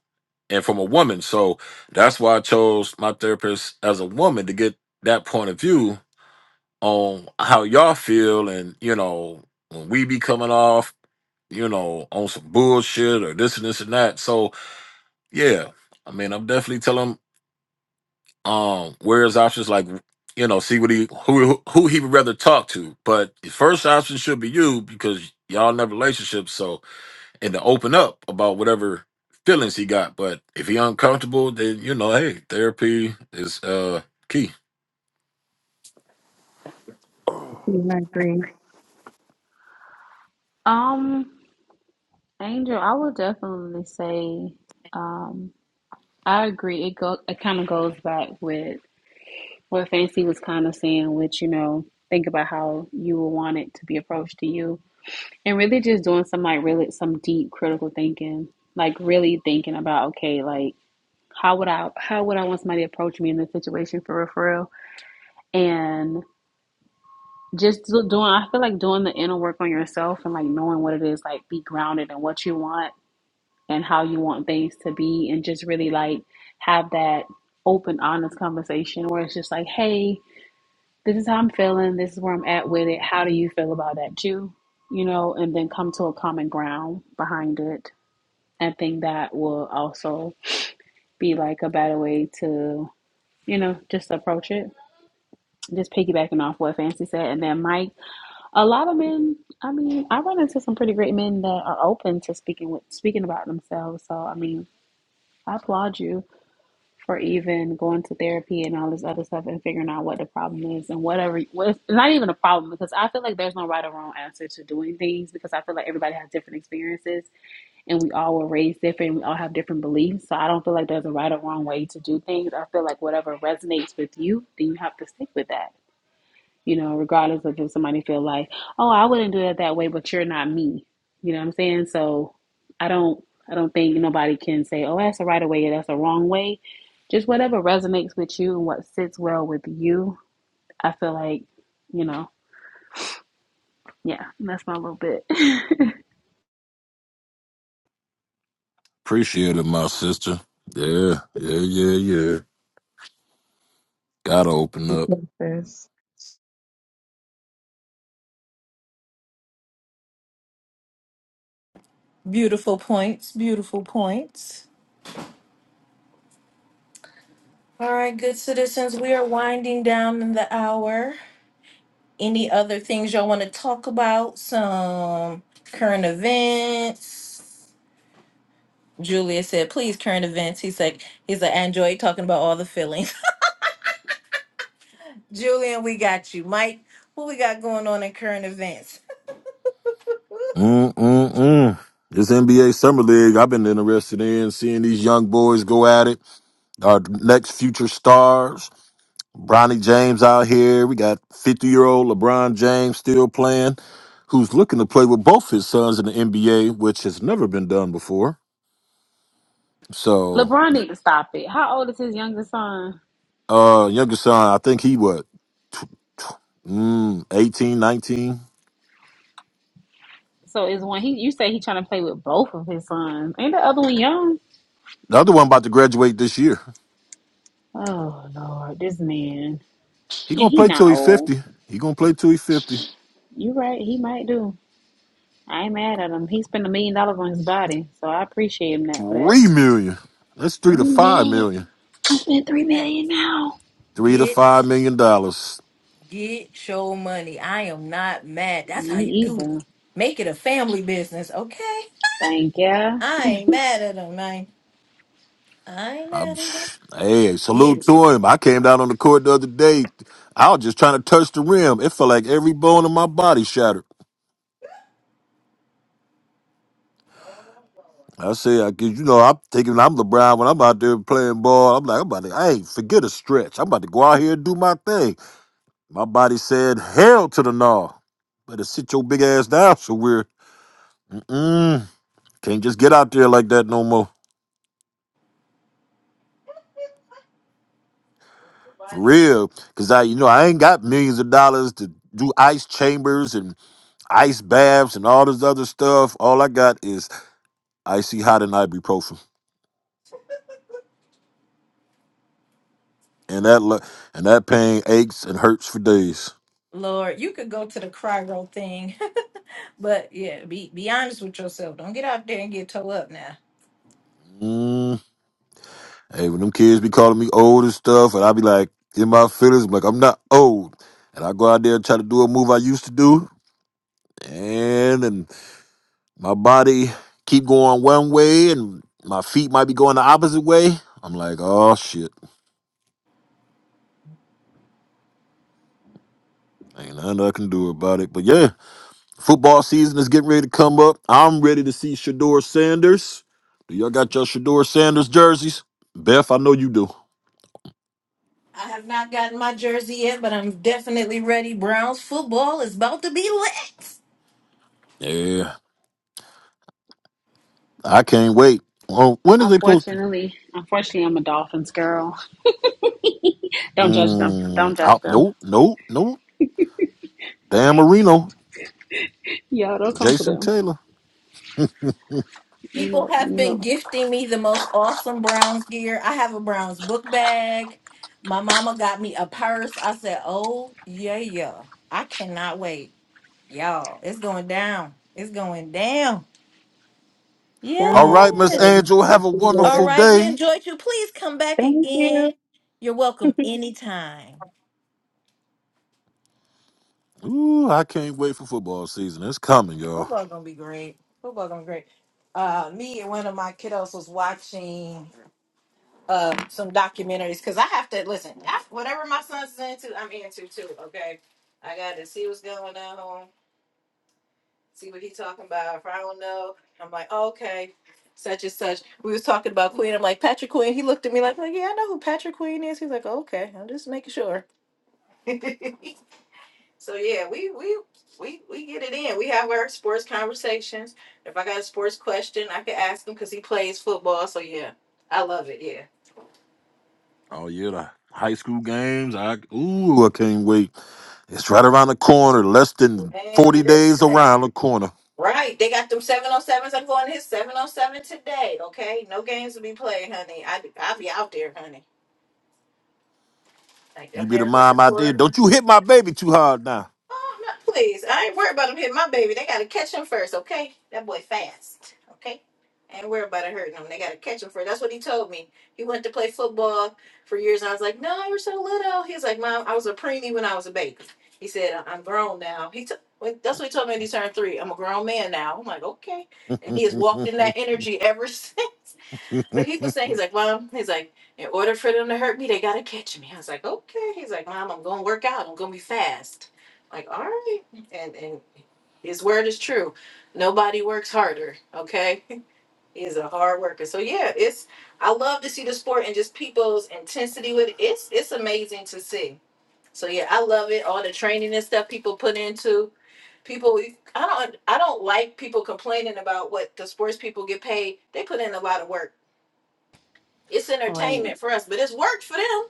S2: and from a woman so that's why i chose my therapist as a woman to get that point of view on how y'all feel and you know when we be coming off you know, on some bullshit or this and this and that. So yeah, I mean, I'm definitely telling him um where his options like you know, see what he who who he would rather talk to. But the first option should be you because y'all in a relationship, so and to open up about whatever feelings he got. But if he uncomfortable, then you know, hey, therapy is uh key.
S5: Yeah, I agree
S4: Um, Angel, I would definitely say, um, I agree. It go it kind of goes back with what Fancy was kind of saying, which you know, think about how you will want it to be approached to you. And really just doing some like really some deep critical thinking. Like really thinking about, okay, like how would I how would I want somebody to approach me in this situation for real, And just doing I feel like doing the inner work on yourself and like knowing what it is, like be grounded in what you want and how you want things to be and just really like have that open, honest conversation where it's just like, Hey, this is how I'm feeling, this is where I'm at with it. How do you feel about that too? You know, and then come to a common ground behind it I think that will also be like a better way to, you know, just approach it. Just piggybacking off what Fancy said. And then Mike, a lot of men, I mean, I run into some pretty great men that are open to speaking with speaking about themselves. So I mean, I applaud you for even going to therapy and all this other stuff and figuring out what the problem is and whatever what it's not even a problem because I feel like there's no right or wrong answer to doing things because I feel like everybody has different experiences and we all were raised different. We all have different beliefs. So I don't feel like there's a right or wrong way to do things. I feel like whatever resonates with you, then you have to stick with that. You know, regardless of if somebody feel like, oh, I wouldn't do it that way, but you're not me. You know what I'm saying? So I don't, I don't think nobody can say, oh, that's a right way or that's a wrong way. Just whatever resonates with you and what sits well with you. I feel like, you know, yeah, that's my little bit.
S2: Appreciate it, my sister. Yeah, yeah, yeah, yeah. Gotta open up.
S5: with this.
S1: Beautiful points. Beautiful points. All right, good citizens, we are winding down in the hour. Any other things y'all want to talk about? Some current events. Julia said, please, current events. He's like, he's like, I enjoy talking about all the feelings. Julian, we got you. Mike, what we got going on in current events?
S2: Mm-mm-mm. This NBA Summer League, I've been interested in seeing these young boys go at it. Our next future stars, Bronny James out here. We got 50 year old LeBron James still playing, who's looking to play with both his sons in the NBA, which has never been done before. So,
S4: LeBron need to stop it. How old is his youngest son?
S2: uh, younger son, I think he what, tw- tw- mm, 18, nineteen?
S4: So is when he you say he trying to play with both of his sons. Ain't the other one young?
S2: The other one about to graduate this year.
S4: Oh Lord, this man.
S2: He
S4: And
S2: gonna
S4: he
S2: play till
S4: not
S2: he's
S4: old.
S2: 50. He gonna play till he's 50.
S4: You right, he might do. I ain't mad at him. He spent a million dollars on his body. So I appreciate him that for that.
S2: Three million. That's three to
S4: Three
S2: five
S4: million.
S2: million.
S4: I spent three
S1: Hey,
S4: million now.
S2: Three to
S1: get
S2: five million dollars.
S1: get your money. I am not mad. That's
S4: Me
S1: how you do it.
S4: either.
S1: Make it a family business, okay?
S4: Thank ya.
S1: I ain't mad at him, man. I ain't
S2: I'm,
S1: mad at him.
S2: hey,
S1: Get
S2: salute
S1: it.
S2: to him. I came down on the court the other day. I was just trying to touch the rim. It felt like every bone in my body shattered. I say, I cause you know, I'm thinking I'm LeBron when I'm out there playing ball. I'm like, I'm about to, hey, forget a stretch. I'm about to go out here and do my thing. My body said, hell to the gnaw. Better sit your big ass down somewhere. Mm-mm. Can't just get out there like that no more. For real. Cause I you know I ain't got millions of dollars to do ice chambers and ice baths and all this other stuff. All I got is icy hot and ibuprofen. And that lo- and that pain aches and hurts for days.
S1: Lord, you could go to the Cryo thing But yeah, be be honest with yourself. Don't get out there and get toe up now.
S2: Mm. Hey, when them kids be calling me old and stuff, and I be like in my feelings, I'm like, I'm not old. And I go out there and try to do a move I used to do. And and my body keep going one way and my feet might be going the opposite way. I'm like, oh shit. Ain't nothing I can do about it. But yeah, football season is getting ready to come up. I'm ready to see Shador Sanders. Do y'all got your Shador Sanders jerseys? Beth, I know you do.
S1: I have not gotten my jersey yet, but I'm definitely ready. Browns football is about to be lit.
S2: Yeah, I can't wait. Well, when is they posting?
S4: Unfortunately, unfortunately, I'm a Dolphins girl. Don't judge them. Don't
S2: Mm,
S4: judge
S2: out,
S4: them.
S2: no, no, no. Dan Marino,
S4: Yeah, don't come to
S2: Jason
S4: them.
S2: Taylor.
S4: You
S1: People
S4: know,
S1: have
S4: you
S1: been
S4: know.
S1: gifting me the most awesome Browns gear. I have a Browns book bag. My mama got me a purse. I said, "Oh yeah, yeah. I cannot wait, y'all. It's going down. It's going down."
S5: Y'all
S2: All
S5: have a
S2: right,
S5: good
S2: Miss
S1: Yes.
S5: day.
S2: Angel,
S5: I'll
S2: have a
S5: see you
S1: All
S2: wonderful
S5: later.
S1: right. We
S2: day.
S1: enjoyed you. Please come back
S5: Thank you.
S1: again. You're welcome anytime.
S2: Ooh, I can't wait for football season. It's coming, y'all.
S1: Football gonna be great. Football gonna be great. Uh, me and one of my kiddos was watching uh some documentaries because I have to listen. I, whatever my son's into, I'm into too. Okay, I got to see what's going on, see what he's talking about. If I don't know, I'm like, oh, okay, such and such. We was talking about Queen. I'm like Patrick Queen. He looked at me like, like yeah, I know who Patrick Queen is. He's like, oh, okay, I'm just making sure. So yeah, we we we we get it in. We have our sports conversations. If I got a sports question, I can ask him because he plays football. So yeah, I love it. Yeah.
S2: Oh yeah, the high school games. I ooh, I can't wait. It's right around the corner, less than
S1: Man,
S2: 40
S1: listen.
S2: days around the corner.
S1: Right, they got them 707s. I'm going to hit 707 today, okay? No games to be played, honey. I, I'll be out there, honey. Like, I'm
S2: You be the
S1: there for
S2: mom out there.
S1: support.
S2: Don't you hit my baby too hard now.
S1: Oh, no, please. I ain't worried about him hitting my baby. They got to catch him first, okay? That boy fast, okay? I ain't worried about it hurting him. They got to catch him first. That's what he told me. He went to play football for years, and I was like, no, you are so little. He was like, Mom, I was a preemie when I was a baby. He said, "I- I'm grown now. He t- when- That's what he told me when he turned three. I'm a grown man now. I'm like, okay. And
S2: you
S1: he has walked in that energy ever since. But he was saying, he's like, Mom, he's like, in order for them to hurt me, they gotta catch me. I was like, Okay. He's like, Mom, I'm gonna work out. I'm gonna be fast. I'm like, all right. And and his word is true. Nobody works harder, okay? He is a hard worker. So yeah, it's I love to see the sport and just people's intensity with it. It's it's amazing to see. So yeah, I love it. All the training and stuff people put into people I don't I don't like people complaining about what the sports people get paid. They put in a lot of work it's
S4: All right.
S1: entertainment for us, but it's work for them.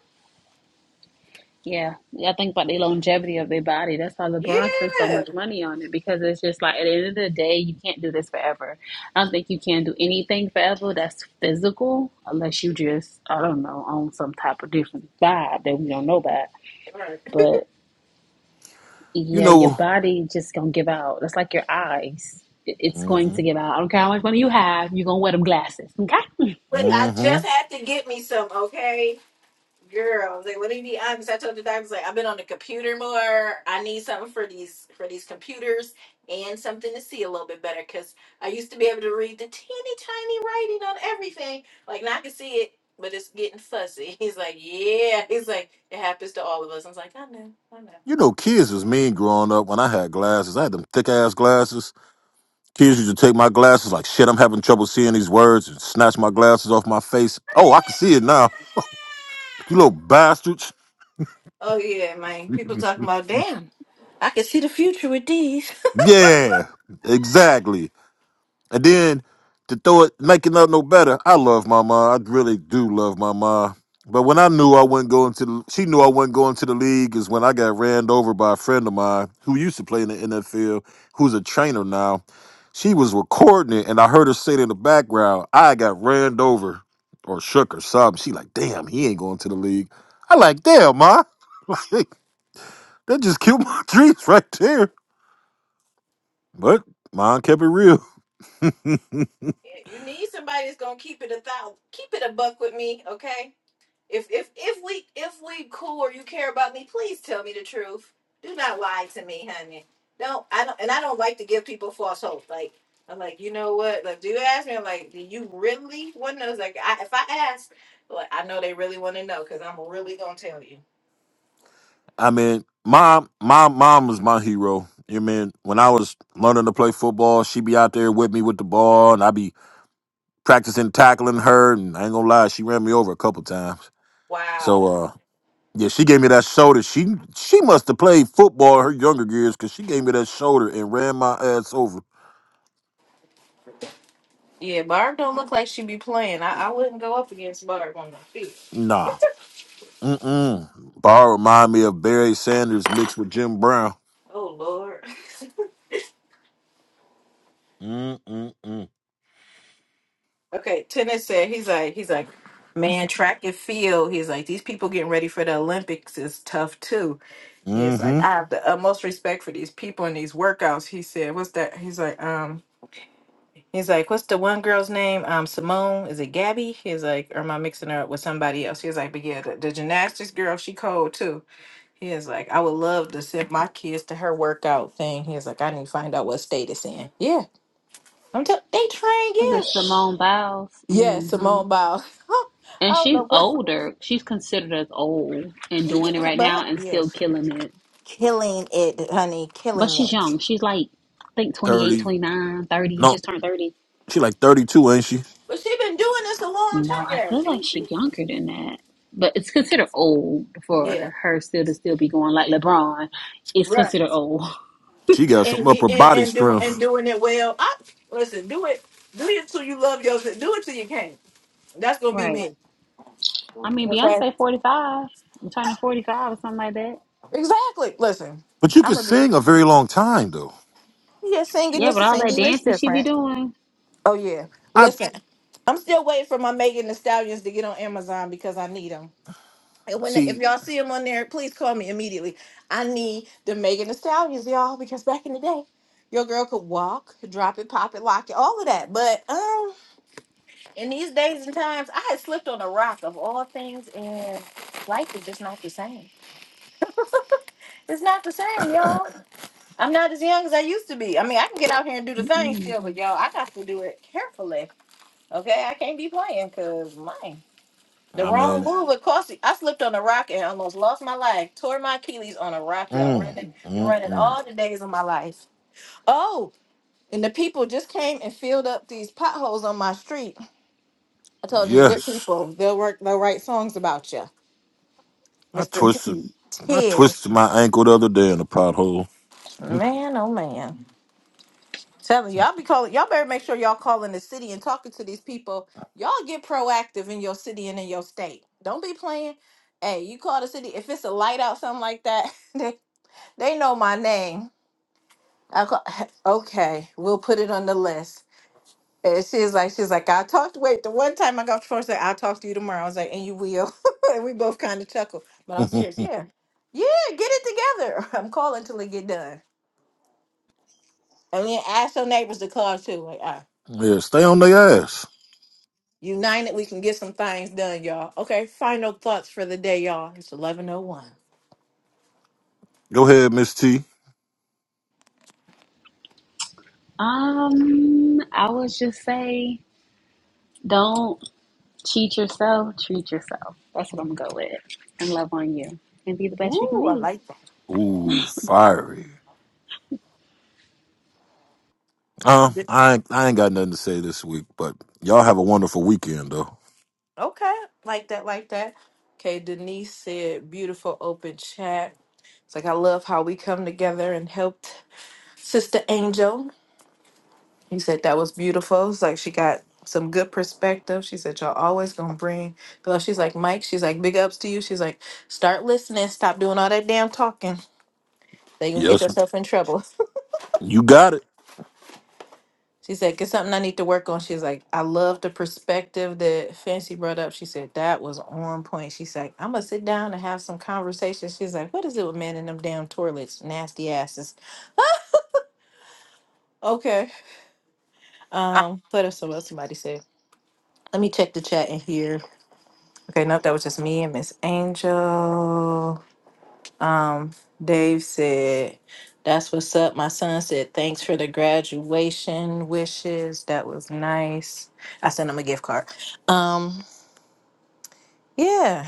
S4: Yeah, yeah, I think about the longevity of their body. That's why LeBron spends so
S1: Yeah.
S4: much money on it because it's just like at the end of the day, you can't do this forever. I don't think you can do anything forever that's physical unless you just, I don't know, own some type of different vibe that we don't know about.
S1: Right.
S4: But yeah, your
S2: know,
S4: body just gonna give out. That's like your eyes. It- It's going
S2: hmm
S4: to give out. I don't care how much money you have, you're gonna wear them glasses, okay?
S1: But I
S2: hmm
S1: just had to get me some, okay? Girl, I was like, let me be honest. I told the doctor, I was like, I've been on the computer more. I need something for these for these computers and something to see a little bit better because I used to be able to read the teeny tiny writing on everything. Like now I can see it, but it's getting fuzzy. He's like, yeah. He's like, it happens to all of us. I was like, I know, I know.
S2: you know, kids was mean growing up when I had glasses. I had them thick ass glasses. Kids used to take my glasses like, shit, I'm having trouble seeing these words and snatch my glasses off my face. Oh, I can see it now. You little bastards.
S1: Oh yeah, man. People talking about damn. I can see the future with these.
S2: Yeah, exactly. And then to throw it, make it up no better, I love my mom. I really do love my mom. But when I knew I wasn't going to, the, she knew I wasn't going to the league is when I got ran over by a friend of mine who used to play in the NFL, who's a trainer now. She was recording it, and I heard her say it in the background, I got ran over or shook or something. She like, damn, he ain't going to the league. I like, damn, ma. Like, that just killed my dreams right there. But mine kept it real.
S1: Yeah, you need somebody that's gonna keep it a thousand, keep it a buck with me, okay? If if if we if we cool or you care about me, please tell me the truth. Do not lie to me, honey. Don't I don't and I don't like to give people false hope. Like I'm like, you know what? Like, do you ask me? I'm like, do you really want to? know? It's Like, I, if I ask, like, I know they really want to know because I'm really gonna tell you.
S2: I mean, mom, my mom was my hero. You mean when I was learning to play football, she be out there with me with the ball, and I be practicing tackling her. And I ain't gonna lie, she ran me over a couple times.
S1: Wow.
S2: So, uh, yeah, she gave me that shoulder. She she must have played football her younger years because she gave me that shoulder and ran my ass over.
S1: Yeah, Barb don't look like she be playing. I, I wouldn't go up against Barb on the field.
S2: Nah, mm-mm. Bar remind me of Barry Sanders mixed with Jim Brown.
S1: Oh Lord.
S2: Mm-mm-mm.
S1: Okay, tennis said he's like he's like man track and field. He's like these people getting ready for the Olympics is tough too. He's like
S2: Mm-hmm.
S1: I have the utmost respect for these people in these workouts. He said what's that? He's like um he's like what's the one girl's name? Um Simone is it Gabby? He's like or am I mixing her up with somebody else? He's like but yeah the, the gymnastics girl she cold too. He is like, I would love to send my kids to her workout thing. He's like, I need to find out what state it's in. Yeah, I'm tell they train.
S4: Look at
S1: Yeah,
S4: Simone Biles.
S1: yeah,
S4: hmm.
S1: Simone Biles. I
S4: And
S1: don't
S4: she's
S1: know, but
S4: older. She's considered as old and
S1: she,
S4: doing it right
S1: but her-
S4: now and
S1: yeah,
S4: still
S1: she
S4: killing it.
S1: killing it, honey,
S4: But
S1: killing
S4: she's
S1: it.
S4: young. She's like, I think 28,
S2: Thirty.
S4: 29, 30.
S2: No,
S4: just turned 30.
S2: she like thirty-two, ain't she?
S1: But she been doing this a long time.
S4: No, I
S1: Yeah,
S4: feel like
S1: she, she
S4: she's younger than that. But it's considered old
S1: yeah,
S4: for her still to still be going like LeBron. It's
S1: right,
S4: considered old.
S2: She got some
S1: and
S2: upper
S1: and
S2: body
S1: and doing and
S2: strength.
S1: doing it well. I listen, do it, do it till you love yourself. Do it till you can't. That's gonna be
S4: Right.
S1: me.
S4: I mean,
S1: Okay,
S4: Beyonce 45. I'm turning 45 or something like that.
S1: exactly. Listen,
S2: But you
S1: I'm
S2: could
S1: gonna be.
S2: sing a very long time, though.
S1: Yeah, singing
S4: Yeah,
S1: is
S4: but all that
S1: singing is
S4: dancing she be
S1: different.
S4: doing.
S1: Oh yeah,
S2: I
S1: listen, I'm still waiting for my Megan the Stallions to get on Amazon because I need them. And when if
S2: see.
S1: y'all see them on there, please call me immediately. I need the Megan the Stallions, y'all, because back in the day, your girl could walk, drop it, pop it, lock it, all of that. But um, in these days and times, I had slipped on a rock of all things, and life is just not the same. It's not the same, y'all. I'm not as young as I used to be. I mean, I can get out here and do the thing
S4: Mm-mm,
S1: still, but y'all, I got to do it carefully. Okay, I can't be playing because mine. The
S2: I
S1: wrong
S2: mean,
S1: move would cost you. I slipped on a rock and almost lost my life. Tore my Achilles on a rock, y'all.
S2: mm,
S1: Running, you're
S2: mm,
S1: running
S2: mm.
S1: all the days of my life. Oh, and the people just came and filled up these potholes on my street. I told them you're good
S2: yes.
S1: people. They'll work. They'll write songs about you,
S2: I
S1: Mister
S2: twisted.
S4: mm-mm.
S2: I
S1: Ted.
S2: twisted my ankle the other day in a pothole.
S1: Man, oh man. Telling y'all be calling y'all better make sure y'all calling the city and talking to these people. Y'all get proactive in your city and in your state. Don't be playing. Hey, you call the city if it's a light out something like that. They they know my name. I call, okay, we'll put it on the list. And she's like she's like I talked. Wait, the one time I got forced, I'll talk to you tomorrow. I was like, and you will. and we both kind of chuckle, but I'm serious. Yeah, yeah, get it together. I'm calling till it get done. And then ask your neighbors to call too. Like, ah.
S2: yeah, stay on their ass.
S1: United, we can get some things done, y'all. Okay, final thoughts for the day, y'all. It's eleven oh one.
S2: Go ahead, Miss T.
S4: Um, I would just say don't. Cheat yourself, treat yourself. That's what I'm gonna go with. And love on you. And be the best you can
S1: Ooh, I
S4: be.
S1: like that.
S2: Ooh, fiery. Uh,
S1: Di-
S2: I ain't, I ain't got nothing to say this week, but y'all have a wonderful weekend, though.
S1: Okay, like that, like that. Okay, Denise said, beautiful open chat. It's like I love how we come together and helped Sister Angel. He said that was beautiful. It's like she got some good perspective. She said y'all always gonna bring. But she's like Mike. She's like big ups to you. She's like start listening. Stop doing all that damn talking. They gonna get
S2: Yes,
S1: yourself in trouble.
S2: you got it.
S1: She said, "Get something I need to work on." She's like, "I love the perspective that Fancy brought up." She said that was on point. She's like, "I'm gonna sit down and have some conversations." She's like, "What is it with men in them damn toilets, nasty asses?" Okay. Um, what else? What else somebody said? Let me check the chat in here. Okay, nope, that was just me and Miss Angel. Um, Dave said, "That's what's up." My son said, "Thanks for the graduation wishes. That was nice." I sent him a gift card. Um. Yeah,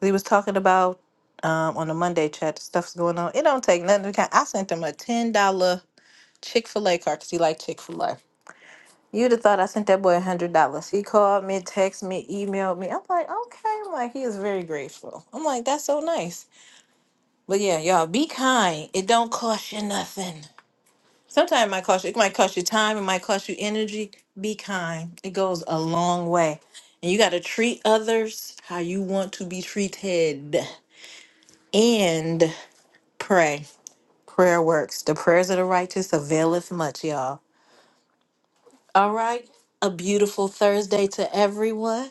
S1: he was talking about um, on the Monday chat the stuff's going on. It don't take nothing. to count. I sent him a ten dollar Chick fil A card because he liked Chick fil A. You'd have thought I sent that boy a hundred dollars. He called me, texted me, emailed me. I'm like, okay. I'm like, he is very grateful. I'm like, that's so nice. But yeah, y'all be kind. It don't cost you nothing. Sometimes it might cost you. It might cost you time. It might cost you energy. Be kind. It goes a long way. And you got to treat others how you want to be treated. and pray. Prayer works. The prayers of the righteous availeth much, y'all. All right. A beautiful Thursday to everyone.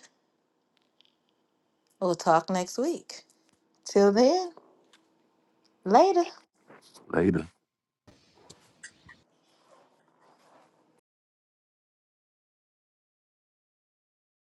S1: We'll talk next week. Till then, later.
S2: Later.